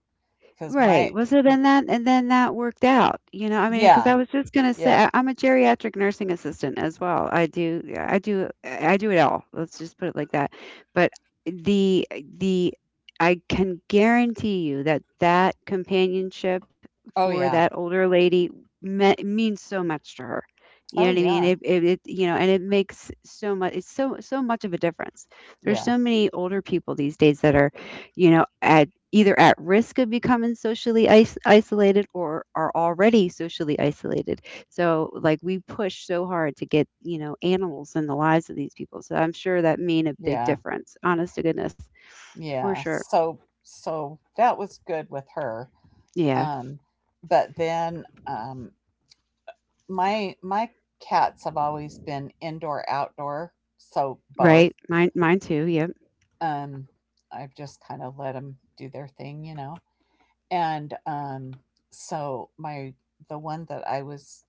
Speaker 2: Cause
Speaker 1: right.
Speaker 2: my—
Speaker 1: Well, so then that and then that worked out, you know. I mean, because
Speaker 2: yeah.
Speaker 1: I was just gonna say,
Speaker 2: Yep.
Speaker 1: I'm a geriatric nursing assistant as well. I do, yeah, I do it all. Let's just put it like that. But the I can guarantee you that that companionship
Speaker 2: Oh,
Speaker 1: for
Speaker 2: yeah.
Speaker 1: that older lady means so much to her. You know
Speaker 2: Oh,
Speaker 1: what I mean?
Speaker 2: yeah.
Speaker 1: It, you know, and it makes so much. It's so much of a difference. There's
Speaker 2: Yeah.
Speaker 1: so many older people these days that are you know, either at risk of becoming isolated or are already socially isolated. So, like, we push so hard to get, you know, animals in the lives of these people. So, I'm sure that made a big
Speaker 2: Yeah.
Speaker 1: difference, honest to goodness, for
Speaker 2: Yeah.
Speaker 1: sure.
Speaker 2: So, that was good with her.
Speaker 1: Yeah,
Speaker 2: Um, but then, my cats have always been indoor outdoor, so
Speaker 1: right.
Speaker 2: both.
Speaker 1: Mine too. Yep.
Speaker 2: Um, I've just kind of let them do their thing, you know. And so my— the one that I was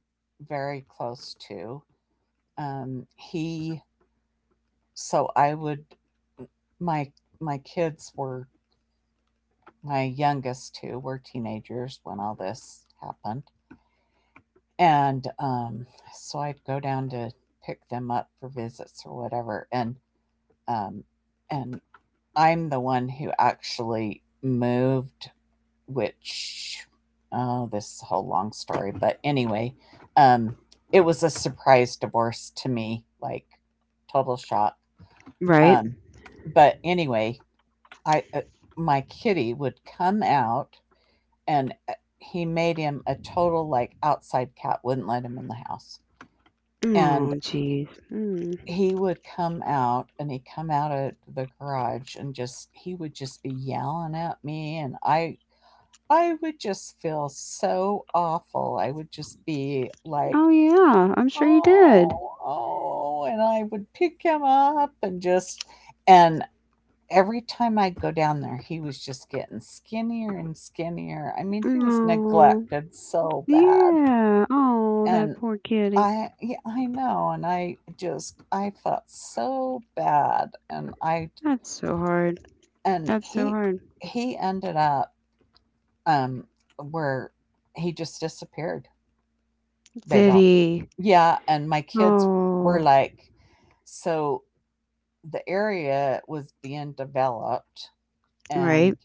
Speaker 2: very close to, he— so I would— my my kids were— my youngest two were teenagers when all this happened, and so I'd go down to pick them up for visits or whatever, and Um, and I'm the one who actually moved, which— oh, this is a whole long story. But anyway, um, it was a surprise divorce to me, like total shock.
Speaker 1: Right.
Speaker 2: Um, but anyway, I, uh, my kitty would come out, and he made him a total like outside cat, wouldn't let him in the house.
Speaker 1: Oh,
Speaker 2: And
Speaker 1: jeez. Mm.
Speaker 2: he would come out, and he'd come out of the garage, and just— he would just be yelling at me, and I would just feel so awful, I would just be like,
Speaker 1: Oh, yeah. I'm sure you did.
Speaker 2: oh, oh, and I would pick him up and just— and every time I'd go down there, he was just getting skinnier and skinnier. I mean, he was
Speaker 1: Oh,
Speaker 2: neglected so bad,
Speaker 1: yeah. Oh,
Speaker 2: and—
Speaker 1: that poor kitty.
Speaker 2: I— yeah, I know, and I felt so bad, and I—
Speaker 1: That's so hard.
Speaker 2: and
Speaker 1: That's so
Speaker 2: he
Speaker 1: hard.
Speaker 2: he ended up, um where he just disappeared. They
Speaker 1: Did
Speaker 2: don't—
Speaker 1: he?
Speaker 2: yeah, and my kids were
Speaker 1: Oh.
Speaker 2: like— so the area was being developed, and
Speaker 1: Right.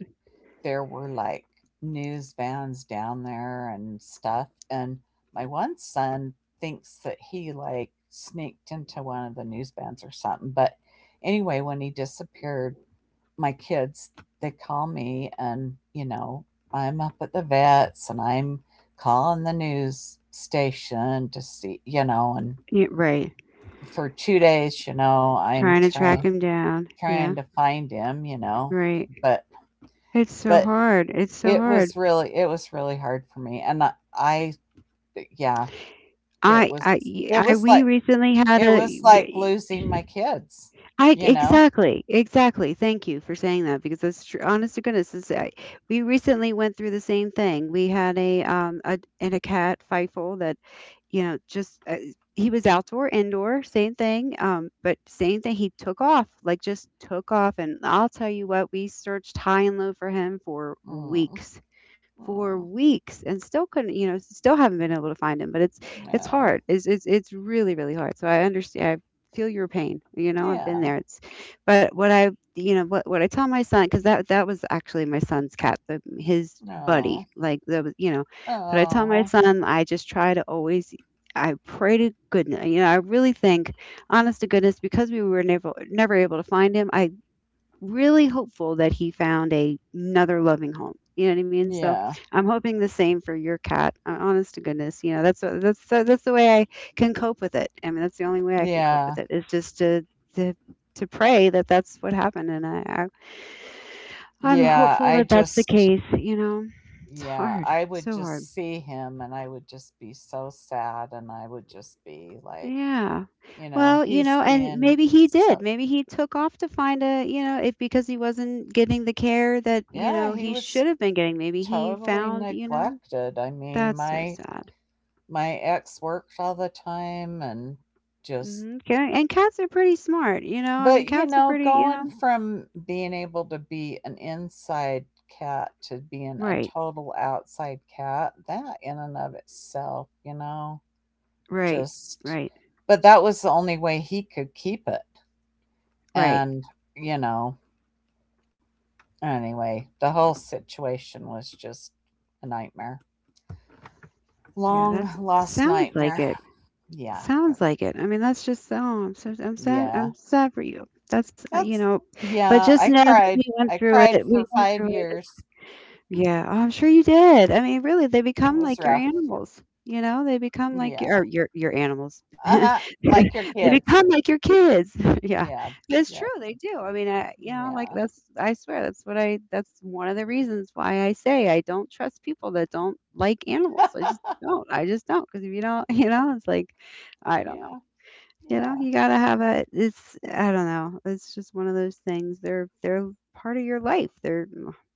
Speaker 2: there were, like, news vans down there and stuff. And my one son thinks that he, like, sneaked into one of the news vans or something. But anyway, when he disappeared, my kids, they call me, and, you know, I'm up at the vets, and I'm calling the news station to see, you know, and
Speaker 1: Yeah, right.
Speaker 2: for 2 days, you know, I'm
Speaker 1: Trying to track him down. Yeah.
Speaker 2: trying to find him, you know,
Speaker 1: Right.
Speaker 2: but
Speaker 1: It's so
Speaker 2: but
Speaker 1: hard. It's so hard.
Speaker 2: It was really hard for me, and I yeah, it was it
Speaker 1: I.
Speaker 2: was
Speaker 1: we
Speaker 2: like
Speaker 1: recently had
Speaker 2: it was
Speaker 1: a
Speaker 2: like
Speaker 1: we,
Speaker 2: losing my kids,
Speaker 1: I
Speaker 2: you know?
Speaker 1: exactly, exactly. Thank you for saying that because that's true. Honest to goodness, we recently went through the same thing. We had a cat Fifel that, you know, just he was outdoor, indoor, same thing. But same thing. He took off, like just took off, and I'll tell you what, we searched high and low for him
Speaker 2: Mm,
Speaker 1: for
Speaker 2: mm,
Speaker 1: weeks and still couldn't, you know, still haven't been able to find him. But it's
Speaker 2: no.
Speaker 1: hard. It's really really hard. So I understand. I feel your pain. You know, I've been
Speaker 2: Yeah.
Speaker 1: there. It's but what I you know what I tell my son because that was actually my son's cat, his buddy.
Speaker 2: No.
Speaker 1: Like the you know, but I tell my
Speaker 2: Oh.
Speaker 1: son I just try to always. I pray to goodness, you know. I really think, honest to goodness, because we were never able to find him. I really hopeful that he found another loving home. You know what I mean? So
Speaker 2: Yeah.
Speaker 1: I'm hoping the same for your cat. Honest to goodness, you know that's what- that's so that's the way I can cope with it. I mean, that's the only way I can cope
Speaker 2: Yeah.
Speaker 1: with it is just to to pray that that's what happened, and I'm
Speaker 2: Yeah,
Speaker 1: hopeful
Speaker 2: I
Speaker 1: that that's the
Speaker 2: just
Speaker 1: case. You know, it's
Speaker 2: yeah,
Speaker 1: hard,
Speaker 2: I would
Speaker 1: so hard.
Speaker 2: just see him and I would just be so sad, and I would just be like,
Speaker 1: Yeah.
Speaker 2: you know,
Speaker 1: Well, you
Speaker 2: he's
Speaker 1: know, and
Speaker 2: been—
Speaker 1: maybe he
Speaker 2: so
Speaker 1: did. Maybe he took off to find you know, if because he wasn't getting the care that, you
Speaker 2: yeah,
Speaker 1: know,
Speaker 2: he
Speaker 1: he
Speaker 2: was
Speaker 1: should have been getting. Maybe he
Speaker 2: totally
Speaker 1: found, you know,
Speaker 2: neglected. I mean,
Speaker 1: that's so
Speaker 2: my
Speaker 1: sad.
Speaker 2: my ex worked all the time, and just—
Speaker 1: Hmm. Okay. And cats are pretty smart, you know. I
Speaker 2: but,
Speaker 1: mean,
Speaker 2: you
Speaker 1: cats are
Speaker 2: know,
Speaker 1: pretty, you
Speaker 2: going
Speaker 1: know.
Speaker 2: from being able to be an inside cat to being a
Speaker 1: Right.
Speaker 2: total outside cat, that, in and of itself, you know,
Speaker 1: Right.
Speaker 2: just—
Speaker 1: Right.
Speaker 2: but that was the only way he could keep it.
Speaker 1: Right.
Speaker 2: And, you know, anyway, the whole situation was just a nightmare.
Speaker 1: Yeah,
Speaker 2: Long
Speaker 1: that's
Speaker 2: lost
Speaker 1: sounds like
Speaker 2: nightmare.
Speaker 1: it.
Speaker 2: Yeah.
Speaker 1: Sounds like it. I mean, that's just oh, I'm sad.
Speaker 2: Yeah.
Speaker 1: I'm sad for you. That's you
Speaker 2: That's—
Speaker 1: know, but
Speaker 2: yeah,
Speaker 1: just
Speaker 2: I
Speaker 1: know that we
Speaker 2: cried.
Speaker 1: went
Speaker 2: I
Speaker 1: through
Speaker 2: cried
Speaker 1: it.
Speaker 2: for
Speaker 1: We went
Speaker 2: 5
Speaker 1: through it.
Speaker 2: years.
Speaker 1: Yeah, oh, I'm sure you did. I mean, really, they
Speaker 2: It
Speaker 1: become
Speaker 2: was
Speaker 1: like your
Speaker 2: rough.
Speaker 1: animals, you know? They become like or
Speaker 2: Yeah.
Speaker 1: your animals.
Speaker 2: Uh-huh. Like your
Speaker 1: They
Speaker 2: kids.
Speaker 1: become like your kids. Yeah.
Speaker 2: Yeah.
Speaker 1: It's true,
Speaker 2: Yep.
Speaker 1: they do. I mean, I, you know, like
Speaker 2: Yeah.
Speaker 1: that's I swear that's what I that's one of the reasons why I say I don't trust people that don't like animals. I just don't. I just don't not Because if you don't, you know, it's like I don't know.
Speaker 2: Yeah.
Speaker 1: You know,
Speaker 2: Yeah.
Speaker 1: you gotta have a it's I don't know. It's just one of those things. They're part of your life. They're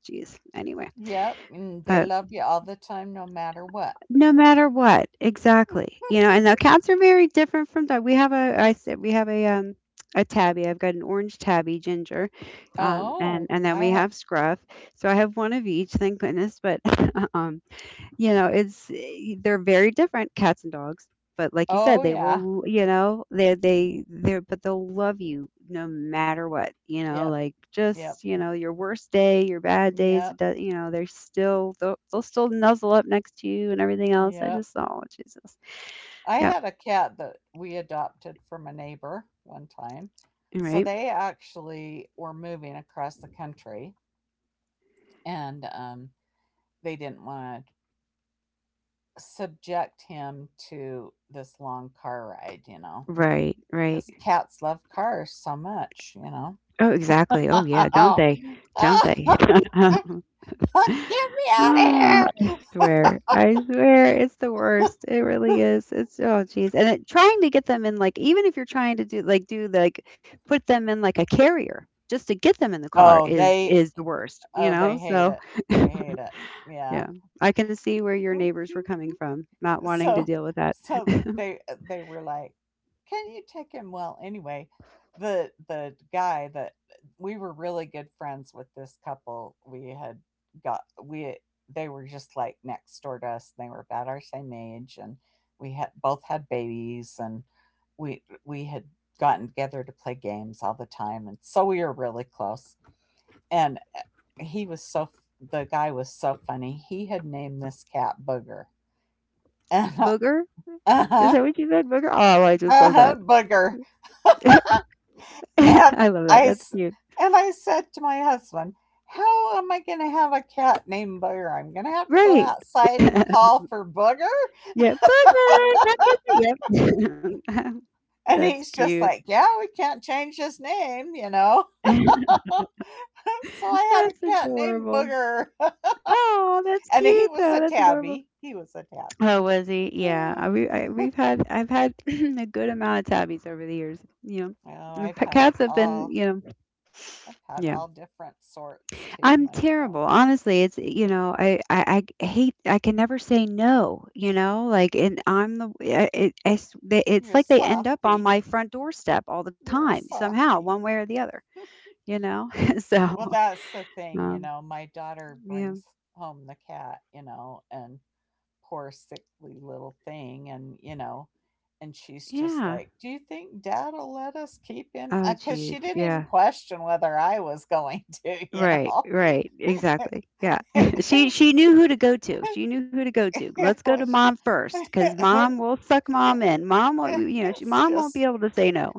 Speaker 1: jeez. Anyway.
Speaker 2: Yep. And they
Speaker 1: But
Speaker 2: love you all the time, no matter what.
Speaker 1: no matter what, exactly. You know, and the accounts are very different from that. We have a tabby. I've got an orange tabby, ginger,
Speaker 2: Oh,
Speaker 1: and then
Speaker 2: I
Speaker 1: we
Speaker 2: had—
Speaker 1: have scruff. So I have one of each, thank goodness. But um, you know it's eh, they're very different cats and dogs but like you said
Speaker 2: oh
Speaker 1: they
Speaker 2: yeah.
Speaker 1: will you know they'll love you no matter what you know
Speaker 2: Yep.
Speaker 1: like
Speaker 2: Yep.
Speaker 1: just you know your worst day your bad days it
Speaker 2: Yep.
Speaker 1: you know they're still they'll still nuzzle up next to you and everything else I
Speaker 2: Yep.
Speaker 1: just oh jesus.
Speaker 2: I
Speaker 1: Yep.
Speaker 2: had a cat that we adopted from a neighbor one time. So
Speaker 1: Right,
Speaker 2: they actually were moving across the country, and they didn't want to subject him to this long car ride, you know,
Speaker 1: right, right.
Speaker 2: because cats love cars so much, you know.
Speaker 1: Oh exactly, oh yeah don't
Speaker 2: Oh,
Speaker 1: they don't they
Speaker 2: get me out
Speaker 1: Ah,
Speaker 2: of here!
Speaker 1: I swear. I swear it's the worst. It really is. It's oh geez. And it, trying to get them in like even if you're trying to do like put them in like a carrier just to get them in the car
Speaker 2: Oh,
Speaker 1: is the worst, you
Speaker 2: oh,
Speaker 1: know?
Speaker 2: they hate
Speaker 1: So
Speaker 2: it. They hate it. Yeah.
Speaker 1: yeah. I can see where your neighbors were coming from, not wanting to
Speaker 2: so
Speaker 1: deal with that.
Speaker 2: so, they— they were like, can you take him? Well, anyway, the guy that— we were really good friends with this couple. We had got— we they were just, like, next door to us. They were about our same age, and we had both had babies, and we had gotten together to play games all the time, and so we were really close. And he was so— the guy was so funny. He had named this cat Booger. And
Speaker 1: Booger? Is
Speaker 2: uh-huh,
Speaker 1: that what you said, booger? Oh, I just
Speaker 2: a
Speaker 1: love that.
Speaker 2: head booger. And
Speaker 1: I love
Speaker 2: I,
Speaker 1: that. That's
Speaker 2: s-
Speaker 1: cute.
Speaker 2: and I said to my husband, "How am I going to have a cat named Booger? I'm going to have to go
Speaker 1: Right.
Speaker 2: outside and call for Booger."
Speaker 1: Yeah, booger, come get you. Yep.
Speaker 2: And
Speaker 1: That's
Speaker 2: he's just
Speaker 1: cute.
Speaker 2: like, "Yeah, we can't change his name, you know." So I had a
Speaker 1: That's
Speaker 2: cat named
Speaker 1: adorable.
Speaker 2: Booger.
Speaker 1: Oh, that's
Speaker 2: And he
Speaker 1: cute
Speaker 2: was
Speaker 1: though.
Speaker 2: a
Speaker 1: That's adorable.
Speaker 2: tabby. He was a tabby.
Speaker 1: Oh, was he? Yeah,
Speaker 2: Oh,
Speaker 1: we've had I've had a good amount of tabbies over the years. You know,
Speaker 2: I've had
Speaker 1: cats have been
Speaker 2: all—
Speaker 1: you know
Speaker 2: I've had
Speaker 1: yeah.
Speaker 2: all different sorts too
Speaker 1: I'm terrible.
Speaker 2: myself.
Speaker 1: Honestly, it's you know, I hate I can never say no, you know? Like and I'm the it's
Speaker 2: You're a
Speaker 1: like they end up on
Speaker 2: softy.
Speaker 1: my front doorstep all the
Speaker 2: You're a
Speaker 1: time somehow, one
Speaker 2: softy.
Speaker 1: way or the other, you know?
Speaker 2: Well,
Speaker 1: so,
Speaker 2: that's the thing, you
Speaker 1: um
Speaker 2: know, my daughter
Speaker 1: yeah.
Speaker 2: brings home the cat, you know, and poor sickly little thing and, you know, and she's just
Speaker 1: Yeah.
Speaker 2: like, "Do you think dad'll let us keep him?"
Speaker 1: Oh
Speaker 2: Because
Speaker 1: geez.
Speaker 2: she didn't even
Speaker 1: Yeah.
Speaker 2: question whether I was going to, you
Speaker 1: Right,
Speaker 2: know.
Speaker 1: right. Exactly. Yeah.
Speaker 2: It
Speaker 1: She knew who to go to. She knew who to go to. Let's go to
Speaker 2: was-
Speaker 1: mom first cuz mom will suck mom in. Mom will, you know,
Speaker 2: it's
Speaker 1: mom won't be
Speaker 2: just—
Speaker 1: able to say no.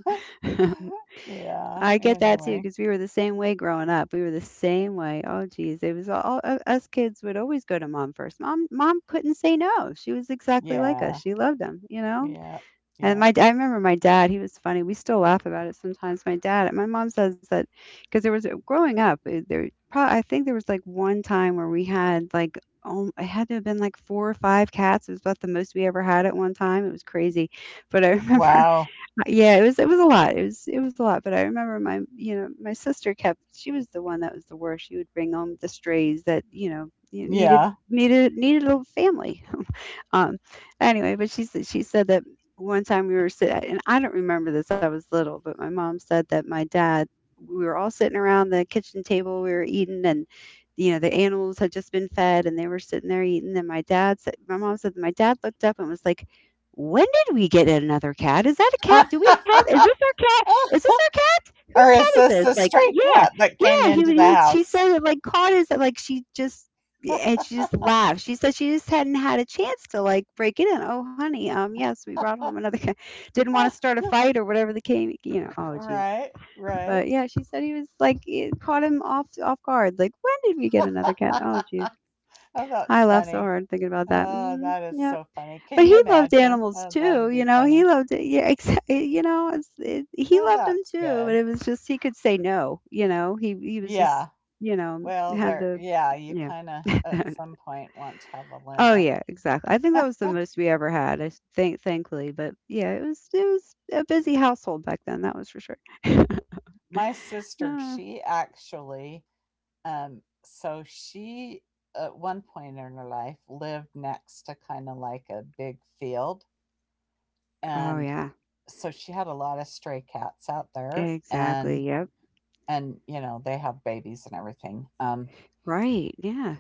Speaker 2: yeah,
Speaker 1: I get that too,
Speaker 2: anyway.
Speaker 1: because we were the same way growing up. We were the same way. Oh, geez. It was all u Us kids would always go to mom first. Mom couldn't say no. She was exactly like us.
Speaker 2: Yeah.
Speaker 1: She loved them, you know?
Speaker 2: Yeah.
Speaker 1: And
Speaker 2: Yeah.
Speaker 1: my I remember my dad, he was funny. We still laugh about it sometimes. My mom says that because there was growing up, eh, there prob I think there was, like, one time where we had, like, oh, it had to have been, like, 4 or 5 cats. It was about the most we ever had at one time. It was crazy. But I remember
Speaker 2: Wow.
Speaker 1: yeah, it was a lot. It was a lot, but I remember my, you know, my sister kept she was the one that was the worst. She would bring home the strays that, you know, you
Speaker 2: Yeah.
Speaker 1: needed a little family. Um, anyway, but she said that one time we were sitting, and I don't remember this. I was little, but my mom said that my dad. We were all sitting around the kitchen table. We were eating, and you know the animals had just been fed, and they were sitting there eating. And my mom said, that my dad looked up and was like. When did we get another cat? Is that a cat? Do we have? Is this our cat? Is this our cat? Whose
Speaker 2: Or
Speaker 1: cat
Speaker 2: is
Speaker 1: is
Speaker 2: this
Speaker 1: this?
Speaker 2: the
Speaker 1: Like,
Speaker 2: stray
Speaker 1: yeah,
Speaker 2: cat that came
Speaker 1: yeah.
Speaker 2: into the
Speaker 1: He she
Speaker 2: house?
Speaker 1: said it like caught his like she just laughed. She said she just hadn't had a chance to like break it in. Oh, honey, yes, we brought home another guy. Didn't want to start a fight or whatever the case, you know. Oh, jeez.
Speaker 2: Right, right.
Speaker 1: But yeah, she said he was like it caught him off guard. Like, when did we get another cat? Oh, jeez.
Speaker 2: Oh,
Speaker 1: I
Speaker 2: that's
Speaker 1: laughed so
Speaker 2: funny.
Speaker 1: hard thinking about that.
Speaker 2: Oh,
Speaker 1: Hmm.
Speaker 2: that is
Speaker 1: Yeah,
Speaker 2: so funny. Can
Speaker 1: but
Speaker 2: you
Speaker 1: he loved
Speaker 2: imagine?
Speaker 1: animals
Speaker 2: Oh, that'd
Speaker 1: too.
Speaker 2: be
Speaker 1: You know, he
Speaker 2: funny.
Speaker 1: loved it. Yeah, exactly. You know, he
Speaker 2: Well,
Speaker 1: loved them
Speaker 2: that's
Speaker 1: too. But
Speaker 2: good.
Speaker 1: it was just he could say no. You know, he was
Speaker 2: Yeah.
Speaker 1: just you know
Speaker 2: Well,
Speaker 1: had
Speaker 2: there—
Speaker 1: the
Speaker 2: yeah, you
Speaker 1: yeah.
Speaker 2: kind of at some point want to have a
Speaker 1: Oh,
Speaker 2: limit.
Speaker 1: yeah, exactly. I think that was the most we ever had, I think thankfully, but yeah, it was a busy household back then, that was for sure.
Speaker 2: My sister,
Speaker 1: Uh,
Speaker 2: she actually— so she at one point in her life lived next to kind of, like, a big field.
Speaker 1: oh,
Speaker 2: And
Speaker 1: yeah.
Speaker 2: so she had a lot of stray cats out there, and
Speaker 1: Exactly, yep.
Speaker 2: and you know, they have babies and everything.
Speaker 1: Right, yeah.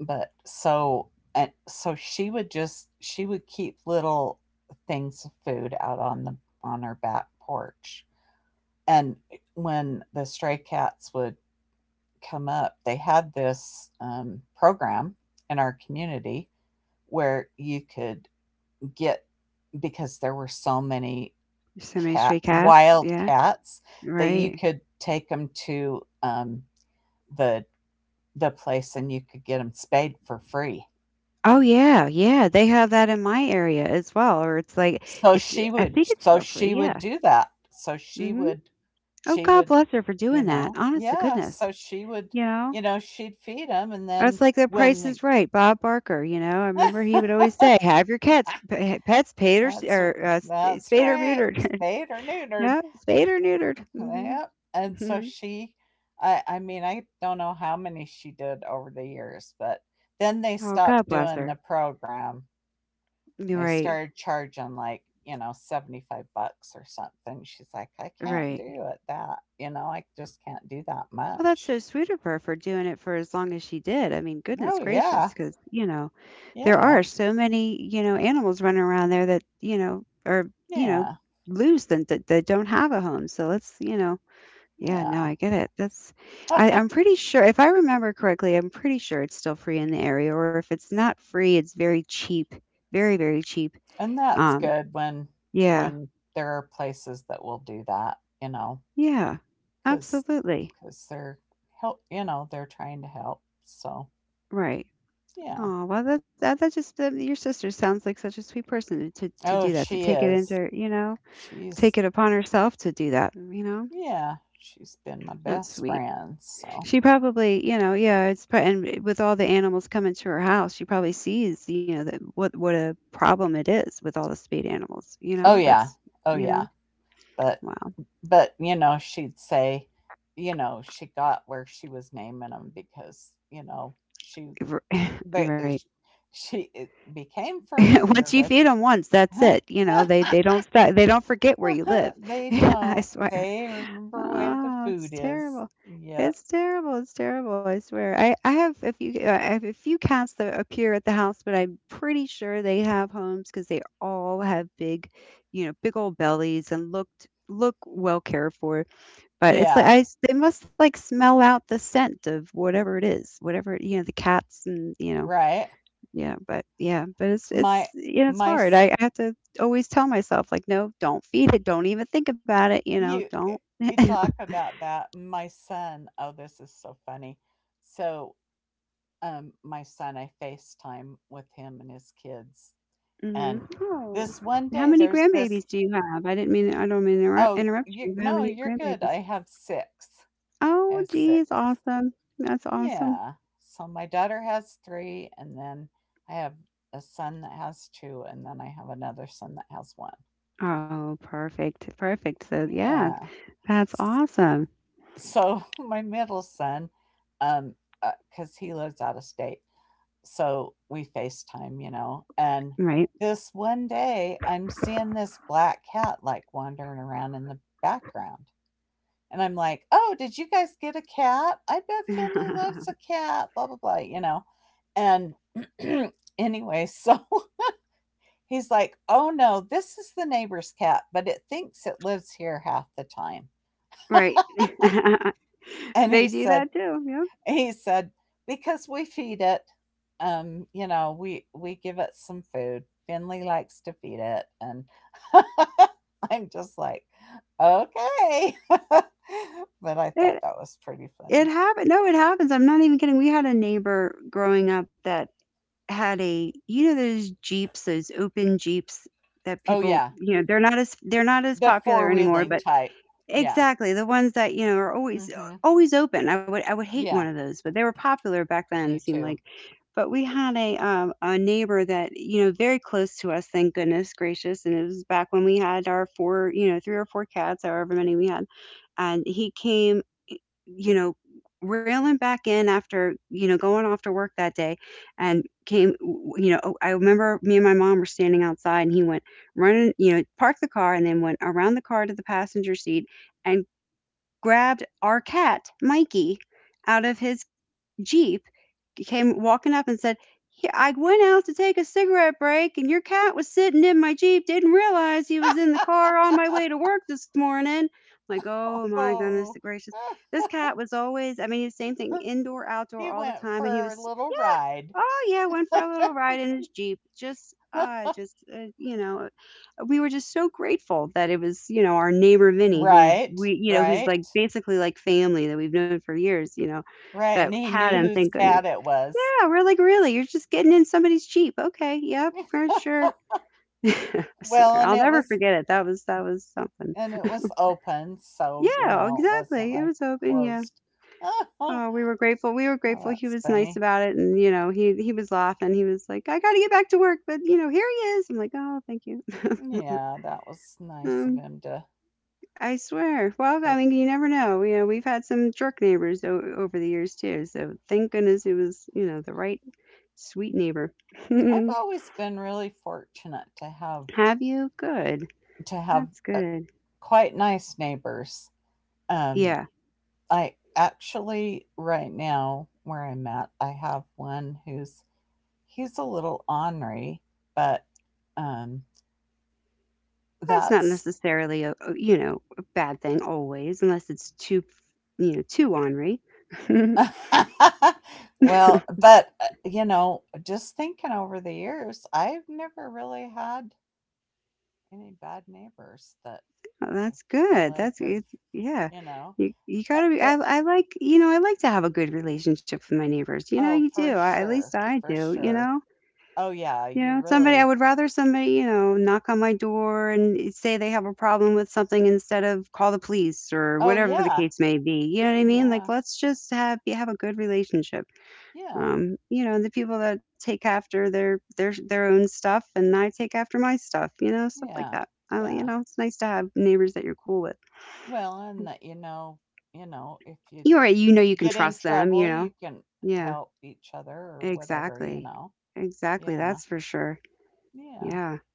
Speaker 2: But so— and so she would just— she would keep little things of food out on her back porch, and when the stray cats would come up, they had this program in our community where you could get— because there were so many
Speaker 1: So many
Speaker 2: cat
Speaker 1: stray cats,
Speaker 2: wild
Speaker 1: yeah,
Speaker 2: cats— that you
Speaker 1: right.
Speaker 2: could take them to, the the place, and you could get them spayed for free.
Speaker 1: Oh, yeah, yeah, they have that in my area as well, or
Speaker 2: So
Speaker 1: it's
Speaker 2: she
Speaker 1: I
Speaker 2: would—
Speaker 1: think it's still free, yeah.
Speaker 2: do that. So
Speaker 1: Mhm. Oh,
Speaker 2: she
Speaker 1: God
Speaker 2: would
Speaker 1: bless her for
Speaker 2: you
Speaker 1: doing that,
Speaker 2: know,
Speaker 1: honest to
Speaker 2: yeah,
Speaker 1: goodness,
Speaker 2: so she would,
Speaker 1: you know?
Speaker 2: you know, she'd feed them, and
Speaker 1: That's
Speaker 2: then
Speaker 1: like The
Speaker 2: when
Speaker 1: Price
Speaker 2: the—
Speaker 1: is Right, Bob Barker, you know, I remember he would always say, "Have your cats
Speaker 2: ah,
Speaker 1: p pets paid
Speaker 2: that's
Speaker 1: or, s
Speaker 2: that's
Speaker 1: spayed or
Speaker 2: right,
Speaker 1: neutered."
Speaker 2: spayed or neutered.
Speaker 1: No, spayed or neutered. Mhm,
Speaker 2: Yeah, and so
Speaker 1: mhm.
Speaker 2: she— I mean, I don't know how many she did over the years, but then they
Speaker 1: Oh, God
Speaker 2: stopped
Speaker 1: bless
Speaker 2: doing
Speaker 1: her.
Speaker 2: the program. And they
Speaker 1: Right,
Speaker 2: started charging, like, you know, 75 bucks or something. She's like, I can't
Speaker 1: right.
Speaker 2: do it that, you know, I just can't do that
Speaker 1: Well, that's
Speaker 2: much.
Speaker 1: so sweet of her for doing it for as long as she did. I mean,
Speaker 2: Oh,
Speaker 1: goodness
Speaker 2: yeah.
Speaker 1: gracious, because you know, there
Speaker 2: Yeah.
Speaker 1: are so many, you know, animals running around there that, you know, are, you know,
Speaker 2: Yeah.
Speaker 1: loose and that don't have a home, so let's, you know. Yeah, no,
Speaker 2: Yeah.
Speaker 1: I get it. That's I'm pretty sure if I remember correctly, I'm pretty sure it's still free in the area, or if it's not free, it's very cheap. Very, very cheap.
Speaker 2: And that's
Speaker 1: Um,
Speaker 2: good when—
Speaker 1: yeah.
Speaker 2: when there are places that will do that, you know,
Speaker 1: Yeah.
Speaker 2: because
Speaker 1: Absolutely.
Speaker 2: they're— help, you know, they're trying to help, so
Speaker 1: Right.
Speaker 2: yeah.
Speaker 1: Oh, well your sister sounds like such a sweet person to to do
Speaker 2: Oh,
Speaker 1: that, to take
Speaker 2: she
Speaker 1: it into,
Speaker 2: is—
Speaker 1: you know, take it
Speaker 2: she's—
Speaker 1: upon herself to do that, you know?
Speaker 2: yeah, she's been my
Speaker 1: That's
Speaker 2: best
Speaker 1: sweet.
Speaker 2: friend. So,
Speaker 1: She probably, you know, yeah, it's and with all the animals coming to her house, she probably sees, you know, that what a problem it is with all the spayed animals. You
Speaker 2: oh
Speaker 1: know,
Speaker 2: yeah.
Speaker 1: that's,
Speaker 2: Oh
Speaker 1: you
Speaker 2: yeah.
Speaker 1: know,
Speaker 2: But
Speaker 1: wow,
Speaker 2: you know, she'd say, you know, she got where she was naming them because, you know, she
Speaker 1: R-
Speaker 2: they—
Speaker 1: right.
Speaker 2: she became
Speaker 1: Once
Speaker 2: familiar
Speaker 1: you
Speaker 2: with
Speaker 1: feed them once, that's it. You know, they don't forget where you live.
Speaker 2: they
Speaker 1: I
Speaker 2: don't—
Speaker 1: swear.
Speaker 2: they remember where the
Speaker 1: Oh,
Speaker 2: food
Speaker 1: it's
Speaker 2: is.
Speaker 1: terrible.
Speaker 2: Yep.
Speaker 1: It's terrible. It's terrible. I swear. I have a few, I have a few cats that appear at the house, but I'm pretty sure they have homes because they all have big, you know, big old bellies and look well cared for. But it's like
Speaker 2: Yeah,
Speaker 1: they must like smell out the scent of whatever it is, whatever, you know, the cats and, you know,
Speaker 2: right.
Speaker 1: yeah, but it's,
Speaker 2: My
Speaker 1: it's, you know, it's
Speaker 2: my
Speaker 1: hard.
Speaker 2: s—
Speaker 1: I have to always tell myself like, no, don't feed it. Don't even think about it. You know,
Speaker 2: you eh,
Speaker 1: don't.
Speaker 2: you talk about that. My son, oh, this is so funny. So, my son, I FaceTime with him and his kids, and
Speaker 1: Mhm. Oh.
Speaker 2: this one
Speaker 1: How
Speaker 2: day
Speaker 1: many
Speaker 2: there's this
Speaker 1: grandbabies do you have? I didn't mean I don't mean to
Speaker 2: oh,
Speaker 1: interrupt
Speaker 2: you
Speaker 1: you. But how
Speaker 2: no,
Speaker 1: many
Speaker 2: you're good. I
Speaker 1: grandbabies?
Speaker 2: have six. I
Speaker 1: Oh,
Speaker 2: have six.
Speaker 1: geez, awesome. That's awesome.
Speaker 2: Yeah. So my daughter has three, and then I have a son that has two, and then I have another son that has one.
Speaker 1: Oh, perfect. Perfect. So, yeah,
Speaker 2: Yeah.
Speaker 1: that's awesome.
Speaker 2: So, my middle son, um because he lives out of state, so we FaceTime, and
Speaker 1: Right.
Speaker 2: this one day I'm seeing this black cat like wandering around in the background, and I'm like, oh, did you guys get a cat? I bet Finley loves a cat, blah blah blah, and anyway, so he's like, oh no, this is the neighbor's cat, but it thinks it lives here half the time.
Speaker 1: Right.
Speaker 2: And
Speaker 1: They
Speaker 2: he
Speaker 1: do
Speaker 2: said
Speaker 1: that too. Yep.
Speaker 2: he said, because we feed it, we give it some food. Finley likes to feed it, and I'm just like, okay. But I
Speaker 1: It
Speaker 2: thought that was pretty
Speaker 1: it
Speaker 2: funny.
Speaker 1: happen No, it happens. I'm not even kidding. We had a neighbor growing up that had a you know those Jeeps, those open Jeeps that
Speaker 2: Oh
Speaker 1: people,
Speaker 2: yeah,
Speaker 1: you know, they're not as
Speaker 2: the
Speaker 1: popular
Speaker 2: four
Speaker 1: anymore,
Speaker 2: wheeling
Speaker 1: but
Speaker 2: type. Yeah.
Speaker 1: exactly, the ones that, you know, are always
Speaker 2: Mm-hmm.
Speaker 1: always open. I would hate one of
Speaker 2: Yeah.
Speaker 1: those, but they were popular back then, it
Speaker 2: Me
Speaker 1: seemed like.
Speaker 2: too.
Speaker 1: But we had a neighbor that, you know, very close to us, thank goodness gracious, and it was back when we had our 4, you know, 3 or 4 cats, however many we had, and he came, you know, railing back in after, you know, going off to work that day and came, w you know, I remember me and my mom were standing outside, and he went running, you know, parked the car and then went around the car to the passenger seat and grabbed our cat, Mikey, out of his Jeep, came walking up and said, I went out to take a cigarette break and your cat was sitting in my Jeep. Didn't realize he was in the car on my way to work this morning. I'm like, oh my goodness
Speaker 2: Oh,
Speaker 1: gracious. This cat was always, I mean, he was the same thing, indoor,
Speaker 2: he
Speaker 1: outdoor all the
Speaker 2: went
Speaker 1: time. And he
Speaker 2: for a
Speaker 1: was.
Speaker 2: little ride.
Speaker 1: Oh yeah, went for a little ride in his Jeep. Just you know, we were just so grateful that it was, you know, our neighbor Vinny who
Speaker 2: Right.
Speaker 1: we you know, who's
Speaker 2: Right.
Speaker 1: like basically like family that we've known for years, you know,
Speaker 2: Right. And
Speaker 1: that
Speaker 2: he
Speaker 1: had
Speaker 2: knew
Speaker 1: him,
Speaker 2: whose
Speaker 1: thank goodness.
Speaker 2: cat it was.
Speaker 1: Yeah, we're like, really? You're just getting in somebody's Jeep. Okay, yep, for sure. I
Speaker 2: Well,
Speaker 1: swear,
Speaker 2: and
Speaker 1: I'll
Speaker 2: it
Speaker 1: never
Speaker 2: was.
Speaker 1: forget it. That was something.
Speaker 2: and it was open, so you
Speaker 1: Yeah,
Speaker 2: know it wasn't
Speaker 1: exactly. It
Speaker 2: like
Speaker 1: was open, yeah.
Speaker 2: closed.
Speaker 1: Oh, we were grateful. We were
Speaker 2: Oh, well,
Speaker 1: grateful he
Speaker 2: that's
Speaker 1: was nice
Speaker 2: funny.
Speaker 1: about it and you know, he was laughing. He was like, "I got to get back to work, but you know, here he is." I'm like, "Oh, thank you."
Speaker 2: Yeah, that was nice of
Speaker 1: Um,
Speaker 2: him to
Speaker 1: I swear. Well, I
Speaker 2: pick.
Speaker 1: mean, you never know. You know, we've had some jerk neighbors over the years too. So, thank goodness it was, you know, the right sweet neighbor.
Speaker 2: I've always been really fortunate to have
Speaker 1: Have you? Good.
Speaker 2: to have
Speaker 1: That's
Speaker 2: uh,
Speaker 1: good.
Speaker 2: quite nice neighbors. Um,
Speaker 1: Yeah.
Speaker 2: I actually right now where I'm at, I have one who's he's a little ornery, but um,
Speaker 1: That's not
Speaker 2: that's
Speaker 1: necessarily a, you know, a bad thing always unless it's too you know, too ornery.
Speaker 2: well, but just thinking over the years, I've never really had any bad neighbors that
Speaker 1: Oh,
Speaker 2: I
Speaker 1: that's
Speaker 2: feel
Speaker 1: good.
Speaker 2: like
Speaker 1: That's
Speaker 2: have,
Speaker 1: it's yeah.
Speaker 2: you know,
Speaker 1: You
Speaker 2: uh,
Speaker 1: gotta be I
Speaker 2: it,
Speaker 1: I like you know, I like to have a good relationship with my neighbors, you know,
Speaker 2: oh,
Speaker 1: you do,
Speaker 2: for
Speaker 1: I at least
Speaker 2: sure,
Speaker 1: I
Speaker 2: for
Speaker 1: do, you
Speaker 2: sure.
Speaker 1: know?
Speaker 2: Oh yeah,
Speaker 1: You
Speaker 2: you
Speaker 1: know, somebody I
Speaker 2: really.
Speaker 1: would rather somebody, you know, knock on my door and say they have a problem with something instead of call the police or
Speaker 2: Oh
Speaker 1: whatever the
Speaker 2: yeah,
Speaker 1: case may be, you know what I mean? Like,
Speaker 2: yeah,
Speaker 1: let's just have you have a good relationship.
Speaker 2: yeah,
Speaker 1: You know, the people that take after their their own stuff and I take after my stuff, you know, stuff like
Speaker 2: yeah,
Speaker 1: that. I, you
Speaker 2: yeah.
Speaker 1: know, it's nice to have neighbors that you're cool with.
Speaker 2: Well, and that you know, if you
Speaker 1: You're right. You know you can
Speaker 2: get in
Speaker 1: trust them,
Speaker 2: trouble,
Speaker 1: you
Speaker 2: you
Speaker 1: know?
Speaker 2: can
Speaker 1: Yeah,
Speaker 2: help each other or whatever, you
Speaker 1: exactly.
Speaker 2: know.
Speaker 1: Exactly.
Speaker 2: Yeah,
Speaker 1: That's for sure.
Speaker 2: yeah.
Speaker 1: Yeah.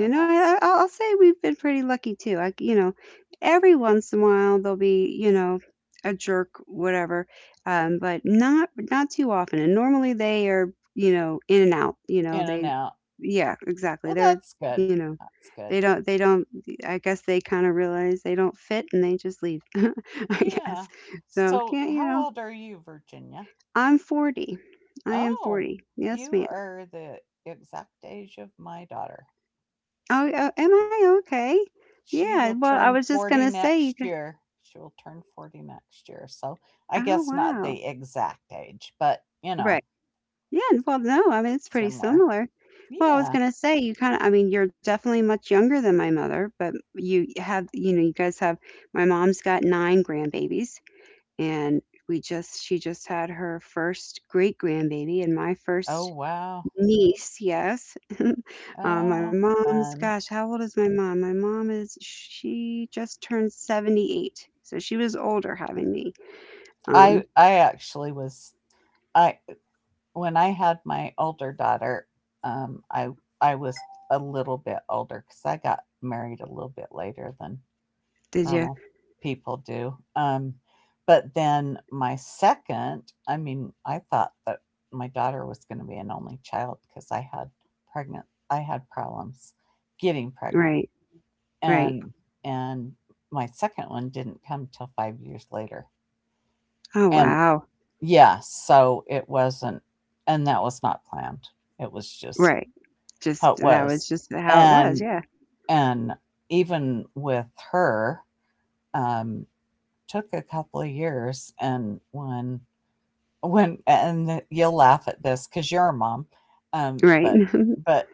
Speaker 2: Well,
Speaker 1: know,
Speaker 2: that's
Speaker 1: I'll say we've been pretty lucky too. Like, you know, every once in a while there'll be, you know, a jerk, whatever, but not too often. And normally they are, you know, in and out. You know,
Speaker 2: in and
Speaker 1: they,
Speaker 2: out.
Speaker 1: yeah, exactly.
Speaker 2: Well,
Speaker 1: They're,
Speaker 2: that's good.
Speaker 1: you know,
Speaker 2: That's good.
Speaker 1: they don't. I guess they kind of realize they don't fit and they just leave. I
Speaker 2: Yeah.
Speaker 1: guess so.
Speaker 2: So,
Speaker 1: Can't you
Speaker 2: how
Speaker 1: know?
Speaker 2: old are you, Virginia?
Speaker 1: I'm 40. I am
Speaker 2: Oh,
Speaker 1: 40. Yes,
Speaker 2: you
Speaker 1: ma'am.
Speaker 2: are the exact age of my daughter.
Speaker 1: Oh, oh, am I okay?
Speaker 2: She
Speaker 1: Yeah.
Speaker 2: will
Speaker 1: Well, I
Speaker 2: turn
Speaker 1: was just
Speaker 2: 40
Speaker 1: gonna say you
Speaker 2: next
Speaker 1: could.
Speaker 2: year. She will turn 40 next year. So, I
Speaker 1: Oh,
Speaker 2: guess not
Speaker 1: wow.
Speaker 2: the exact age, but you know,
Speaker 1: Right. Yeah. Well, no. I mean, it's pretty
Speaker 2: similar.
Speaker 1: similar. Well, I was
Speaker 2: Yeah.
Speaker 1: gonna say you kind of. I mean, you're definitely much younger than my mother, but you have. You know, you guys have. My mom's got nine grandbabies, and we just. She just had her first great grandbaby, and my
Speaker 2: Oh,
Speaker 1: first
Speaker 2: wow.
Speaker 1: niece, yes. My
Speaker 2: Oh,
Speaker 1: mom's,
Speaker 2: fun.
Speaker 1: gosh, how old is my mom? My mom is she just turned 78, so she was older having me. Um,
Speaker 2: I actually was I When I had my older daughter, um, I I was a little bit older because I got married a little bit later than
Speaker 1: did you?
Speaker 2: normal people do. But then my second, I mean, I thought that my daughter was going to be an only child because pregnant, I had problems getting pregnant,
Speaker 1: Right, right.
Speaker 2: and and my second one didn't come till 5 years later,
Speaker 1: Oh,
Speaker 2: and
Speaker 1: wow.
Speaker 2: yeah, so it wasn't, and that was not planned. It was just
Speaker 1: Right.
Speaker 2: how
Speaker 1: Just
Speaker 2: it
Speaker 1: that
Speaker 2: was.
Speaker 1: was just how it was,
Speaker 2: And
Speaker 1: yeah.
Speaker 2: and even with her, um, took a couple of years. And when when and you'll laugh at this because 'cause you're a mom, um,
Speaker 1: Right.
Speaker 2: but but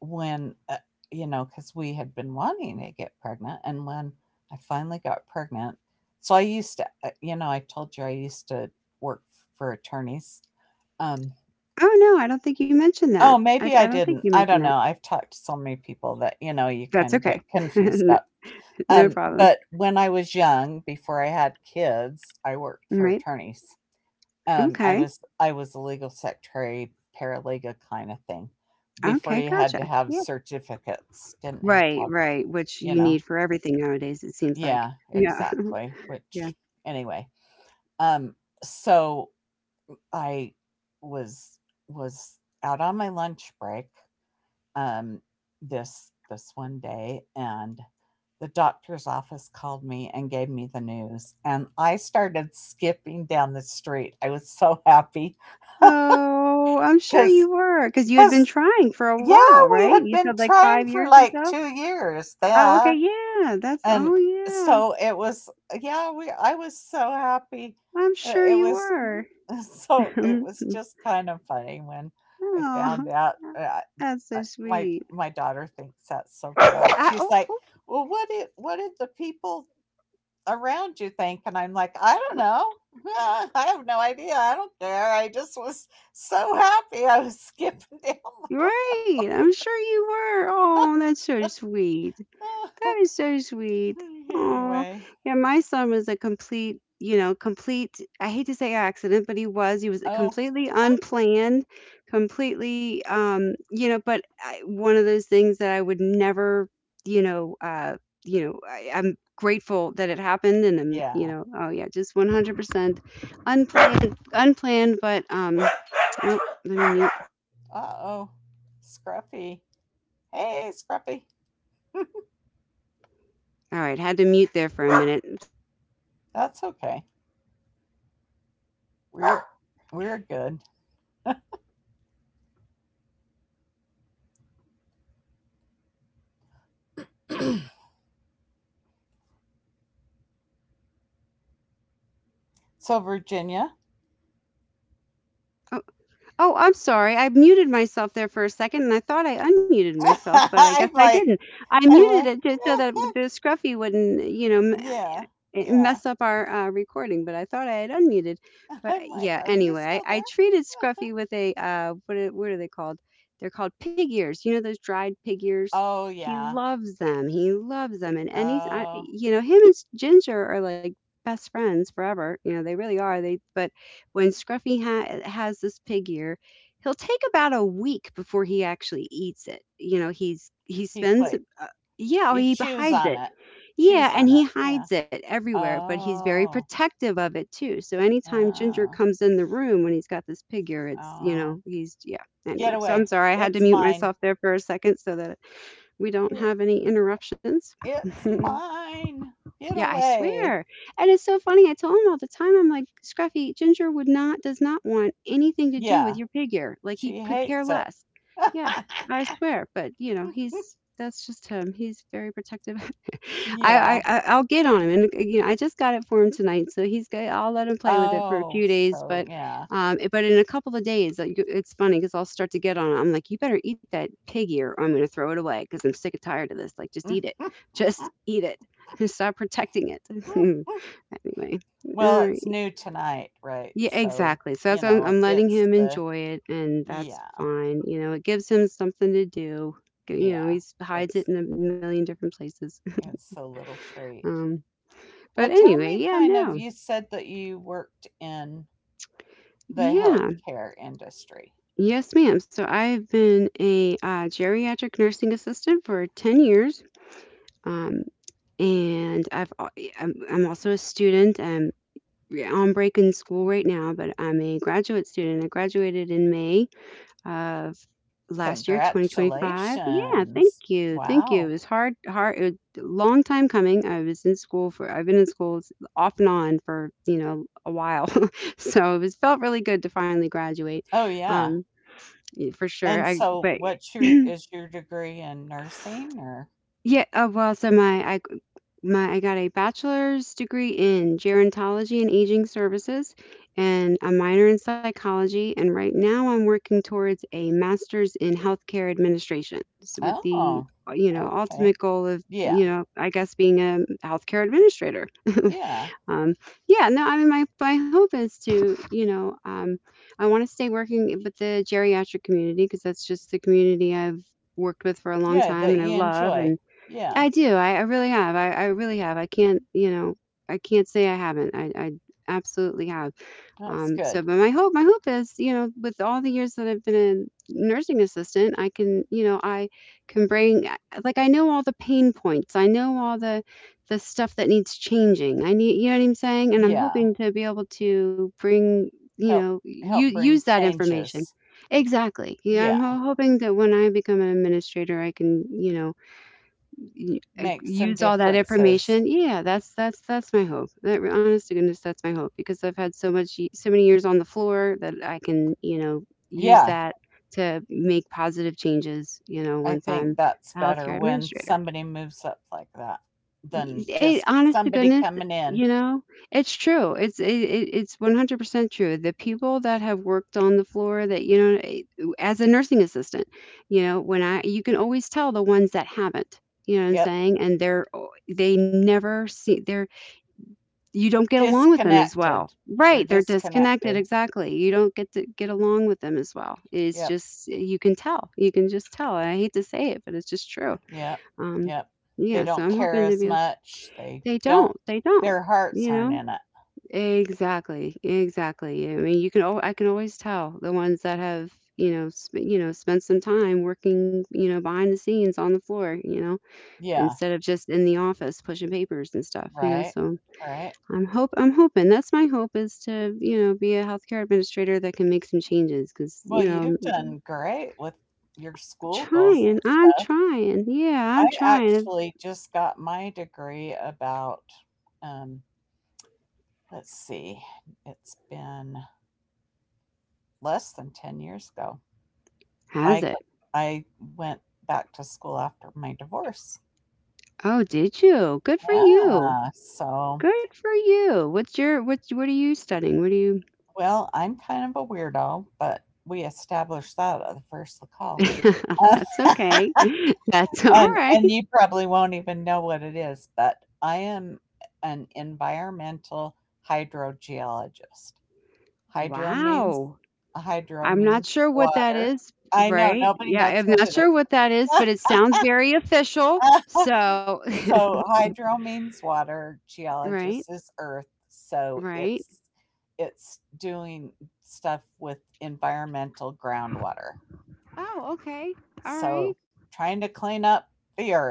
Speaker 2: when, uh, because we had been wanting to get pregnant, and when I finally got pregnant, so I used to, you know, I told you, I used to work for attorneys, um
Speaker 1: Oh, no, I don't think you mentioned that.
Speaker 2: oh, maybe
Speaker 1: I
Speaker 2: I
Speaker 1: don't think you
Speaker 2: didn't. I
Speaker 1: mentioned
Speaker 2: don't
Speaker 1: that.
Speaker 2: know. I've talked to so many people that, you know, you
Speaker 1: That's
Speaker 2: kind of get
Speaker 1: okay.
Speaker 2: confused
Speaker 1: N-
Speaker 2: up.
Speaker 1: No problem.
Speaker 2: But when I was young, before I had kids, I worked for
Speaker 1: Right.
Speaker 2: attorneys. I
Speaker 1: Okay.
Speaker 2: was I was a legal secretary, paralegal kind of thing. Before
Speaker 1: Okay,
Speaker 2: you had to
Speaker 1: gotcha.
Speaker 2: have
Speaker 1: Yeah.
Speaker 2: certificates, didn't have to
Speaker 1: Right,
Speaker 2: have,
Speaker 1: right, which
Speaker 2: you
Speaker 1: you
Speaker 2: know.
Speaker 1: need for everything nowadays, it seems like.
Speaker 2: Yeah,
Speaker 1: Yeah.
Speaker 2: exactly.
Speaker 1: Yeah.
Speaker 2: Which anyway, um, so I was was out on my lunch break, um, this one day, and the doctor's office called me and gave me the news, and I started skipping down the street. I was so happy
Speaker 1: Oh, I'm sure
Speaker 2: because
Speaker 1: you were, because you had been
Speaker 2: because
Speaker 1: trying for a
Speaker 2: yeah,
Speaker 1: while, right?
Speaker 2: we had
Speaker 1: You said
Speaker 2: been
Speaker 1: like 5
Speaker 2: trying
Speaker 1: years
Speaker 2: for
Speaker 1: or
Speaker 2: like
Speaker 1: so?
Speaker 2: 2 years.
Speaker 1: Oh,
Speaker 2: Yeah.
Speaker 1: okay, yeah, that's
Speaker 2: And
Speaker 1: oh, yeah,
Speaker 2: so it was, yeah, we I was so happy.
Speaker 1: I'm sure
Speaker 2: It
Speaker 1: you
Speaker 2: was
Speaker 1: were.
Speaker 2: so it was just kind of funny when I
Speaker 1: Oh,
Speaker 2: found out.
Speaker 1: that's so
Speaker 2: I, my
Speaker 1: sweet.
Speaker 2: my daughter thinks that's so funny.
Speaker 1: I
Speaker 2: She's
Speaker 1: oh,
Speaker 2: like,
Speaker 1: oh,
Speaker 2: "Well, what did the people around you think?" And I'm like, "I don't know. I have no idea. I don't care. I just was so happy. I was skipping down the
Speaker 1: right, I'm sure you were. Oh, that's so sweet.
Speaker 2: road."
Speaker 1: That is so sweet. Oh,
Speaker 2: Anyway,
Speaker 1: yeah, my son was a complete, you know, complete I hate to say accident, but he was. He was
Speaker 2: oh
Speaker 1: completely unplanned, completely, you know, but I one of those things that I would never, you know, uh, you know, I'm grateful that it happened and I'm, you
Speaker 2: yeah.
Speaker 1: know, oh yeah, just 100% unplanned, unplanned, but oh, let me mute.
Speaker 2: Uh oh. Scruffy. Hey, Scruffy.
Speaker 1: All right, had to mute there for a minute.
Speaker 2: That's okay. We're we're good. So, Virginia.
Speaker 1: Oh, I'm sorry. I muted myself there for a second, and I thought I unmuted myself, but I guess
Speaker 2: I'm
Speaker 1: I didn't.
Speaker 2: like
Speaker 1: I
Speaker 2: I'm
Speaker 1: muted
Speaker 2: like
Speaker 1: it just so that the scruffy wouldn't, you know,
Speaker 2: yeah. Yeah.
Speaker 1: mess up our recording. But I thought I had unmuted. But
Speaker 2: I'm like,
Speaker 1: yeah,
Speaker 2: are you
Speaker 1: anyway,
Speaker 2: still
Speaker 1: I
Speaker 2: there?
Speaker 1: treated scruffy with a what are they called? They're called pig ears. You know those dried pig ears.
Speaker 2: Oh
Speaker 1: He
Speaker 2: yeah.
Speaker 1: loves them. He loves them, and
Speaker 2: Oh,
Speaker 1: you know, him and Ginger are like best friends forever. You know, they really are. They, but when Scruffy has this pig ear, he'll take about a week before he actually eats it. You know, he
Speaker 2: he
Speaker 1: spends
Speaker 2: played.
Speaker 1: yeah, oh,
Speaker 2: He
Speaker 1: he
Speaker 2: chews
Speaker 1: hides
Speaker 2: on
Speaker 1: it.
Speaker 2: it.
Speaker 1: Yeah,
Speaker 2: Chews
Speaker 1: and
Speaker 2: on
Speaker 1: he
Speaker 2: it. Yeah.
Speaker 1: hides it everywhere, but he's very
Speaker 2: Oh.
Speaker 1: protective of it too. So anytime Ginger
Speaker 2: Oh.
Speaker 1: comes in the room when he's got this pig ear, it's, you
Speaker 2: Oh.
Speaker 1: know, he's yeah.
Speaker 2: Get
Speaker 1: Anyway, so I'm
Speaker 2: away.
Speaker 1: sorry I had to
Speaker 2: It's
Speaker 1: mute
Speaker 2: mine.
Speaker 1: myself there for a second so that we don't
Speaker 2: It,
Speaker 1: have any interruptions.
Speaker 2: it's mine. Get
Speaker 1: Yeah, I
Speaker 2: away.
Speaker 1: swear. And it's so funny. I tell him all the time, I'm like, Scruffy, Ginger would not, does not want anything to do
Speaker 2: Yeah.
Speaker 1: with your figure. Like he
Speaker 2: She
Speaker 1: could care
Speaker 2: hates it.
Speaker 1: less. Yeah, I swear. But you know, he's that's just him. He's very protective. I, I
Speaker 2: Yeah.
Speaker 1: I- I'll get on him, and you know, I just got it for him tonight, so he's good. I'll let him play with it for a
Speaker 2: Oh,
Speaker 1: few days,
Speaker 2: so
Speaker 1: but
Speaker 2: yeah.
Speaker 1: but in a couple of days, like, it's funny because I'll start to get on him. I'm like, you better eat that pig ear, or I'm gonna throw it away because I'm sick and tired of this. Like, just eat it, just eat it, and stop protecting it. Anyway, all
Speaker 2: Well, it's
Speaker 1: right.
Speaker 2: new tonight, right?
Speaker 1: Yeah,
Speaker 2: So,
Speaker 1: exactly. So that's
Speaker 2: you
Speaker 1: why I'm,
Speaker 2: know,
Speaker 1: I'm letting
Speaker 2: it's
Speaker 1: him
Speaker 2: the
Speaker 1: enjoy it, and that's
Speaker 2: yeah.
Speaker 1: fine. You know, it gives him something to do. You know,
Speaker 2: Yeah.
Speaker 1: he hides
Speaker 2: It's
Speaker 1: it in a million different places.
Speaker 2: it's a little treat.
Speaker 1: Um,
Speaker 2: Well,
Speaker 1: but
Speaker 2: tell
Speaker 1: anyway,
Speaker 2: me,
Speaker 1: yeah,
Speaker 2: kind of,
Speaker 1: no,
Speaker 2: you said that you worked in the
Speaker 1: yeah,
Speaker 2: healthcare industry.
Speaker 1: yes, ma'am. So I've been a geriatric nursing assistant for 10 years. Um, and I've al- I'm also a student. I'm Yeah, on break in school right now, but I'm a graduate student. I graduated in May of last year, 2025. Yeah, thank
Speaker 2: Congratulations.
Speaker 1: you, thank you.
Speaker 2: Wow.
Speaker 1: It was hard, hard, it was a long time coming. I've been in school off and on for you know a while, so it was felt really good to finally graduate,
Speaker 2: Oh yeah.
Speaker 1: um, for sure.
Speaker 2: And
Speaker 1: I
Speaker 2: so
Speaker 1: But
Speaker 2: what's your is your degree in nursing or
Speaker 1: yeah, well, I got a bachelor's degree in gerontology and aging services and a minor in psychology. And right now I'm working towards a master's in healthcare administration with the,
Speaker 2: oh,
Speaker 1: you know, ultimate
Speaker 2: okay.
Speaker 1: goal of, you
Speaker 2: Yeah,
Speaker 1: know, I guess being a healthcare administrator.
Speaker 2: yeah,
Speaker 1: um, yeah, no, I mean, my hope is to, you know, I want to stay working with the geriatric community because that's just the community I've worked with for a long
Speaker 2: yeah.
Speaker 1: time
Speaker 2: That
Speaker 1: and I
Speaker 2: you
Speaker 1: love.
Speaker 2: enjoy.
Speaker 1: And
Speaker 2: Yeah,
Speaker 1: I do. I really have. I really have. I can't, you know, I can't say I haven't. I absolutely have.
Speaker 2: that's
Speaker 1: So,
Speaker 2: good.
Speaker 1: but my hope is, you know, with all the years that I've been a nursing assistant, I can, you know, I can bring, like, I know all the pain points. I know all the stuff that needs changing. You know what I'm saying? And I'm
Speaker 2: Yeah,
Speaker 1: hoping to be able to bring, you
Speaker 2: help
Speaker 1: know, you
Speaker 2: help
Speaker 1: use
Speaker 2: bring
Speaker 1: that information.
Speaker 2: changes.
Speaker 1: Exactly. Yeah, I'm
Speaker 2: Yeah,
Speaker 1: ho- hoping that when I become an administrator, I can, you know,
Speaker 2: make some
Speaker 1: use all that
Speaker 2: differences.
Speaker 1: information. Yeah, that's my hope. That, honest to goodness, that's my hope, because I've had so many years on the floor that I can, you know, use
Speaker 2: Yeah,
Speaker 1: that to make positive changes, you know,
Speaker 2: I
Speaker 1: once
Speaker 2: think
Speaker 1: I'm
Speaker 2: that's
Speaker 1: a
Speaker 2: better
Speaker 1: healthcare
Speaker 2: when
Speaker 1: administrator.
Speaker 2: somebody moves up like that than
Speaker 1: It,
Speaker 2: just
Speaker 1: honest to
Speaker 2: somebody
Speaker 1: goodness,
Speaker 2: coming in.
Speaker 1: you know, it's true. It's 100% true. The people that have worked on the floor that, you know, as a nursing assistant, you know, when I you can always tell the ones that haven't. You know what I'm
Speaker 2: Yep,
Speaker 1: saying? And they never see they're you don't get along with them as well.
Speaker 2: disconnected. They're
Speaker 1: Right, they're disconnected,
Speaker 2: disconnected.
Speaker 1: exactly. You don't get to get along with them as well. It's
Speaker 2: Yep,
Speaker 1: just you can tell. You can just tell. And I hate to say it, but it's just true.
Speaker 2: yep,
Speaker 1: Um
Speaker 2: yep.
Speaker 1: yeah,
Speaker 2: They
Speaker 1: so I'm
Speaker 2: don't
Speaker 1: hoping
Speaker 2: care
Speaker 1: to
Speaker 2: as
Speaker 1: be
Speaker 2: much. They
Speaker 1: they
Speaker 2: don't.
Speaker 1: don't. They don't.
Speaker 2: Their hearts
Speaker 1: You
Speaker 2: aren't
Speaker 1: know?
Speaker 2: in it.
Speaker 1: Exactly. Exactly. I mean, you can. I can always tell the ones that have, you know, you know, spent some time working, you know, behind the scenes on the floor, you know,
Speaker 2: Yeah.
Speaker 1: instead of just in the office pushing papers and stuff, you know.
Speaker 2: Right,
Speaker 1: So
Speaker 2: right.
Speaker 1: I'm hope. I'm hoping. That's my hope is to, you know, be a healthcare administrator that can make some changes because,
Speaker 2: Well,
Speaker 1: you know, I'm
Speaker 2: you've done great with your school goals
Speaker 1: trying.
Speaker 2: and
Speaker 1: I'm
Speaker 2: stuff.
Speaker 1: trying. Yeah,
Speaker 2: I
Speaker 1: I'm trying.
Speaker 2: actually just got my degree about, um, let's see, it's been less than 10 years ago. I
Speaker 1: Has
Speaker 2: go
Speaker 1: it?
Speaker 2: I went back to school after my divorce.
Speaker 1: Oh, did you? Good for you.
Speaker 2: Yeah, so,
Speaker 1: Good for you. What are you studying? What are you
Speaker 2: well, I'm kind of a weirdo, but we established that at the first of the call.
Speaker 1: That's okay. That's all
Speaker 2: And
Speaker 1: right.
Speaker 2: you probably won't even know what it is, but I am an environmental hydrogeologist. Hydro means
Speaker 1: Wow.
Speaker 2: hydro
Speaker 1: I'm not
Speaker 2: means
Speaker 1: sure what that
Speaker 2: water.
Speaker 1: is,
Speaker 2: I know
Speaker 1: right?
Speaker 2: nobody
Speaker 1: Yeah,
Speaker 2: knows
Speaker 1: I'm
Speaker 2: what
Speaker 1: not
Speaker 2: it
Speaker 1: sure what that is,
Speaker 2: is.
Speaker 1: but it sounds very official. So,
Speaker 2: So hydro means water,
Speaker 1: right?
Speaker 2: geologist is earth, so
Speaker 1: Right.
Speaker 2: it's doing stuff with environmental groundwater.
Speaker 1: Oh, okay. All right.
Speaker 2: So trying to clean up the earth.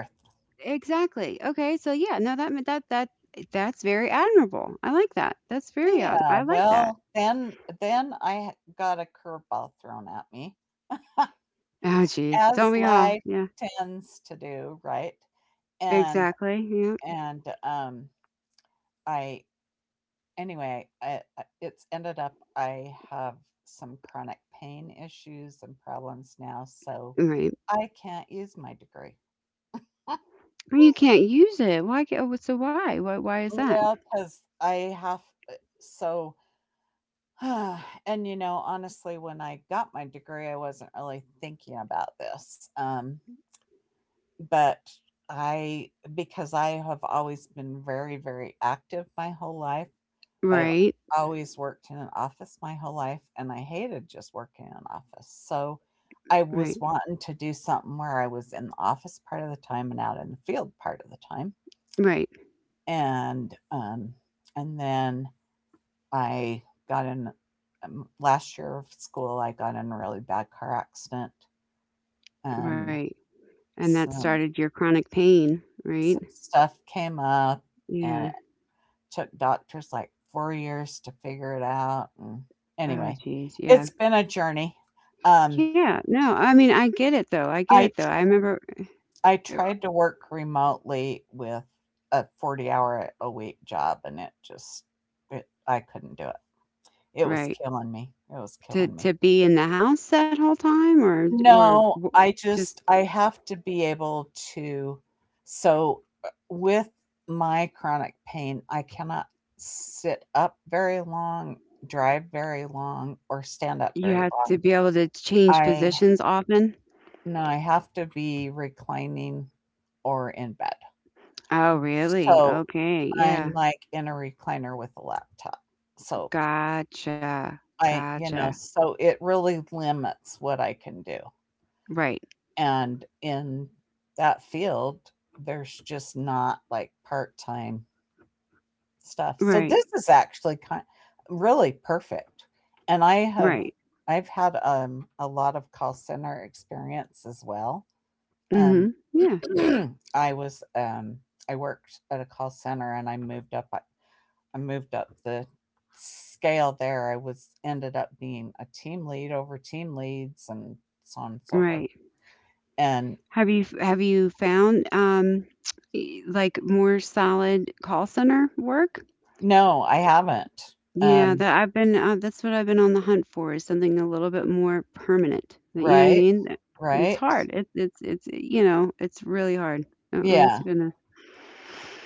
Speaker 1: Exactly. Okay. So, yeah, no that that's very admirable. I like that. That's very odd.
Speaker 2: Yeah,
Speaker 1: I like that.
Speaker 2: well, then I ha got a curveball thrown at me,
Speaker 1: Oh, geez.
Speaker 2: as
Speaker 1: Don't we all?
Speaker 2: life
Speaker 1: Yeah.
Speaker 2: tends to do, right? And
Speaker 1: Exactly. Yeah.
Speaker 2: and I anyway, I it's ended up I have some chronic pain issues and problems now, so
Speaker 1: Right.
Speaker 2: I can't use my degree.
Speaker 1: Or you can't use it. Why can oh, so why? Why is that?
Speaker 2: Well, because I have so and, you know, honestly, when I got my degree, I wasn't really thinking about this, but I because I have always been very, very active my whole life, but I've
Speaker 1: Right.
Speaker 2: always worked in an office my whole life and I hated just working in an office. So I was
Speaker 1: Right.
Speaker 2: wanting to do something where I was in the office part of the time and out in the field part of the time.
Speaker 1: Right.
Speaker 2: And um and then I got in last year of school I got in a really bad car accident, and
Speaker 1: Right. And that
Speaker 2: some
Speaker 1: started your chronic pain,
Speaker 2: some
Speaker 1: right?
Speaker 2: stuff came up, and
Speaker 1: Yeah.
Speaker 2: took doctors like 4 years to figure it out, and anyway,
Speaker 1: Oh jeez,
Speaker 2: it's
Speaker 1: yeah.
Speaker 2: been a journey um
Speaker 1: Yeah. No, I mean, I get it though. I get
Speaker 2: i
Speaker 1: it though. I remember
Speaker 2: I
Speaker 1: uh,
Speaker 2: tried to work remotely with a 40 hour a week job, and it just it, I couldn't do it, it was
Speaker 1: right.
Speaker 2: killing me, it was killing
Speaker 1: To
Speaker 2: me.
Speaker 1: to be in the house that whole time or
Speaker 2: No, I just
Speaker 1: just
Speaker 2: I have to be able to, so with my chronic pain, I cannot sit up very long, drive very long, or stand up
Speaker 1: you
Speaker 2: very
Speaker 1: have to
Speaker 2: long.
Speaker 1: be able to change
Speaker 2: I
Speaker 1: positions often?
Speaker 2: No, I have to be reclining or in bed.
Speaker 1: Oh, really?
Speaker 2: So
Speaker 1: Okay.
Speaker 2: I'm
Speaker 1: Yeah.
Speaker 2: like in a recliner with a laptop. So
Speaker 1: Gotcha.
Speaker 2: I, you
Speaker 1: Gotcha.
Speaker 2: know, so it really limits what I can do.
Speaker 1: Right.
Speaker 2: And in that field there's just not like part-time stuff, so
Speaker 1: Right.
Speaker 2: this is actually kind really perfect, and i have
Speaker 1: Right.
Speaker 2: i've had a lot of call center experience as well, um
Speaker 1: Mhm. Yeah,
Speaker 2: i was um I worked at a call center, and I moved up, I moved up the scale there, I was ended up being a team lead over team leads, and so on and so forth,
Speaker 1: right.
Speaker 2: and
Speaker 1: Have you found, like, more solid call center work?
Speaker 2: no, I haven't.
Speaker 1: Yeah,
Speaker 2: Um,
Speaker 1: that I've been, that's what I've been on the hunt for is something a little bit more permanent. You know what I
Speaker 2: right,
Speaker 1: mean? That it's
Speaker 2: right.
Speaker 1: hard. It's, you know, it's really hard. Honest
Speaker 2: Yeah,
Speaker 1: to goodness.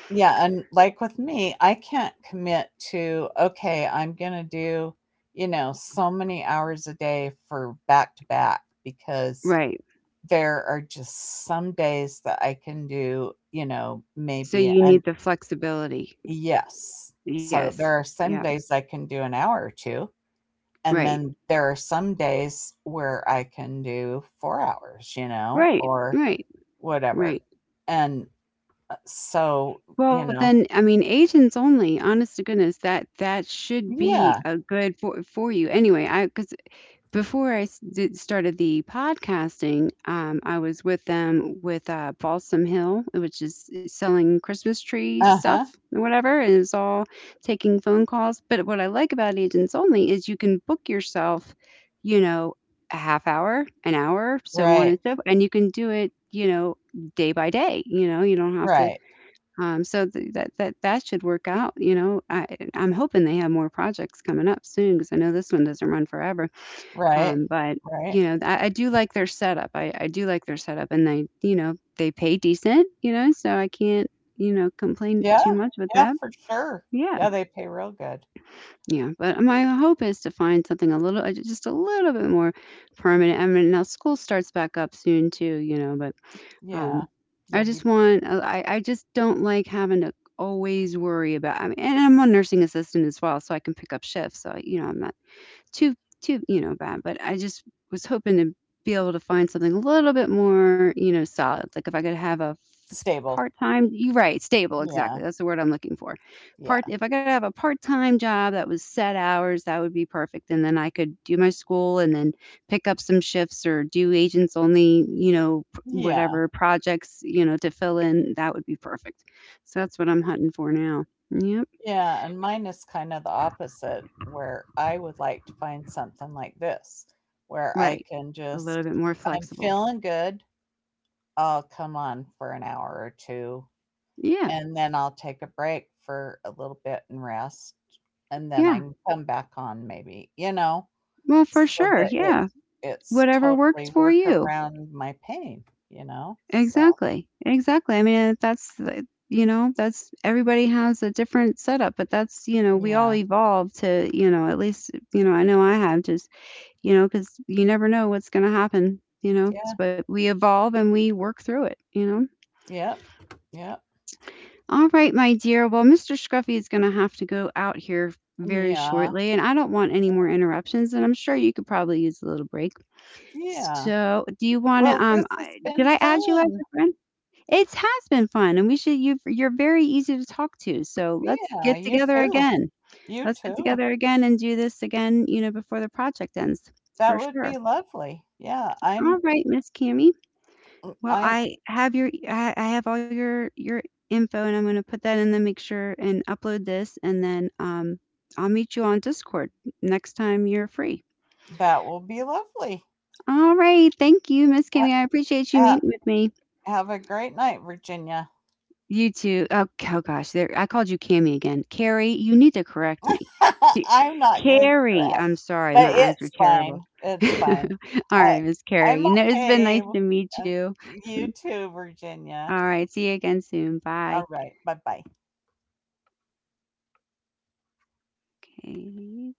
Speaker 2: yeah, and like with me, I can't commit to, "Okay, I'm gonna do, you know, so many hours a day for back to back," because
Speaker 1: Right.
Speaker 2: there are just some days that I can do, you know,
Speaker 1: So
Speaker 2: maybe
Speaker 1: you
Speaker 2: an
Speaker 1: need the flexibility.
Speaker 2: yes. So
Speaker 1: Yes.
Speaker 2: there are
Speaker 1: Yeah.
Speaker 2: some days I can do an hour or 2, and
Speaker 1: Right.
Speaker 2: then there are some days where I can do 4 hours, you know,
Speaker 1: Right.
Speaker 2: or
Speaker 1: Right.
Speaker 2: whatever.
Speaker 1: Right.
Speaker 2: And, so, you
Speaker 1: Well,
Speaker 2: know
Speaker 1: then, I mean, agents only, honest to goodness, that that should be
Speaker 2: yeah.
Speaker 1: a good for you. Anyway, I because before I s- did started the podcasting, I was with them with Balsam Hill, which is selling Christmas tree
Speaker 2: Uh-huh.
Speaker 1: stuff and whatever, and it's all taking phone calls. But what I like about agents only is you can book yourself, you know, a half hour, an hour, so on
Speaker 2: Right,
Speaker 1: and so, and you can do it, you know, day by day. You know, you don't have to
Speaker 2: right,
Speaker 1: so th that should work out, you know? I'm hoping they have more projects coming up soon because I know this one doesn't run forever.
Speaker 2: right,
Speaker 1: But,
Speaker 2: right.
Speaker 1: you know, I do like their setup. I do like their setup, and they, you know, they pay decent, you know, so I can't, you know, complain
Speaker 2: Yeah,
Speaker 1: too much with
Speaker 2: yeah,
Speaker 1: that.
Speaker 2: for sure.
Speaker 1: Yeah.
Speaker 2: Yeah, they pay real good.
Speaker 1: Yeah, but my hope is to find something a little just a little bit more permanent. I mean, now school starts back up soon too, you know, but um,
Speaker 2: Yeah.
Speaker 1: I
Speaker 2: You'll
Speaker 1: just
Speaker 2: be
Speaker 1: want uh, I I just don't like having to always worry about I mean, and I'm a nursing assistant as well, so I can pick up shifts. So, you know, I'm not too too, you know, bad, but I just was hoping to be able to find something a little bit more, you know, solid. Like if I could have a
Speaker 2: stable.
Speaker 1: part time, you're right, stable,
Speaker 2: Yeah,
Speaker 1: exactly. That's the word I'm looking for. Part,
Speaker 2: yeah,
Speaker 1: if I could have a part time job that was set hours, that would be perfect. And then I could do my school and then pick up some shifts or do agents only, you know,
Speaker 2: yeah,
Speaker 1: whatever projects, you know, to fill in. That would be perfect. So that's what I'm hunting for now. Yep.
Speaker 2: yeah, and mine is kinda the opposite, where I would like to find something like this, where I
Speaker 1: Right.
Speaker 2: can
Speaker 1: A little
Speaker 2: just,
Speaker 1: bit more
Speaker 2: I'm
Speaker 1: flexible.
Speaker 2: feeling good, I'll come on for an hour or 2,
Speaker 1: Yeah.
Speaker 2: and then I'll take a break for a little bit and rest, and then I
Speaker 1: Yeah.
Speaker 2: can come back on maybe, you know,
Speaker 1: Well, for
Speaker 2: so
Speaker 1: sure.
Speaker 2: that it
Speaker 1: Yeah.
Speaker 2: it's
Speaker 1: Whatever works
Speaker 2: totally
Speaker 1: for
Speaker 2: work
Speaker 1: you.
Speaker 2: around my pain, you know? So,
Speaker 1: Exactly. Exactly. I mean, that's, you know, that's everybody has a different setup, but that's, you know, we all
Speaker 2: yeah.
Speaker 1: evolve to, you know, at least, you know I have just, you know, because you never know what's going to happen, you know,
Speaker 2: Yeah.
Speaker 1: but we evolve and we work through it, you know.
Speaker 2: Yep. Yep.
Speaker 1: All right, my dear. Well, Mr. Scruffy is going to have to go out here very
Speaker 2: Yeah.
Speaker 1: shortly, and I don't want any more interruptions, and I'm sure you could probably use a little break.
Speaker 2: Yeah.
Speaker 1: So, do you wanna,
Speaker 2: Well, this has
Speaker 1: I did
Speaker 2: been
Speaker 1: I add you as
Speaker 2: fun.
Speaker 1: a friend? It has been fun, and we should you've you're very easy to talk to, so let's
Speaker 2: Yeah,
Speaker 1: get
Speaker 2: you
Speaker 1: together
Speaker 2: too.
Speaker 1: again.
Speaker 2: You
Speaker 1: Let's get
Speaker 2: too.
Speaker 1: together again and do this again, you know, before the project ends,
Speaker 2: That
Speaker 1: for
Speaker 2: would be
Speaker 1: sure.
Speaker 2: lovely. Yeah,
Speaker 1: All
Speaker 2: I'm
Speaker 1: right, Miss Cammie.
Speaker 2: mm,
Speaker 1: Well,
Speaker 2: I'm
Speaker 1: I have all your info, and I'm gonna put that in the make sure and upload this, and then, I'll meet you on Discord next time you're free.
Speaker 2: that will be lovely.
Speaker 1: All right, thank you, Miss Cammie,
Speaker 2: Ha-
Speaker 1: I appreciate you
Speaker 2: ha-
Speaker 1: meeting with me.
Speaker 2: Have a great night, Virginia.
Speaker 1: You too. Oh, oh gosh, there. I called you Cammy again. Carrie, you need to correct me. She-
Speaker 2: I'm not gonna
Speaker 1: Carrie, I'm
Speaker 2: correct,
Speaker 1: sorry,
Speaker 2: but
Speaker 1: my eyes are
Speaker 2: it's fine,
Speaker 1: terrible.
Speaker 2: it's
Speaker 1: All
Speaker 2: fine. I
Speaker 1: right, Miss Carrie.
Speaker 2: I'm
Speaker 1: You know, it's been
Speaker 2: okay
Speaker 1: nice
Speaker 2: w
Speaker 1: to meet
Speaker 2: um,
Speaker 1: you.
Speaker 2: you too,
Speaker 1: All
Speaker 2: Virginia.
Speaker 1: right, see you again soon. Bye.
Speaker 2: Alright, bye-bye.
Speaker 1: Okay.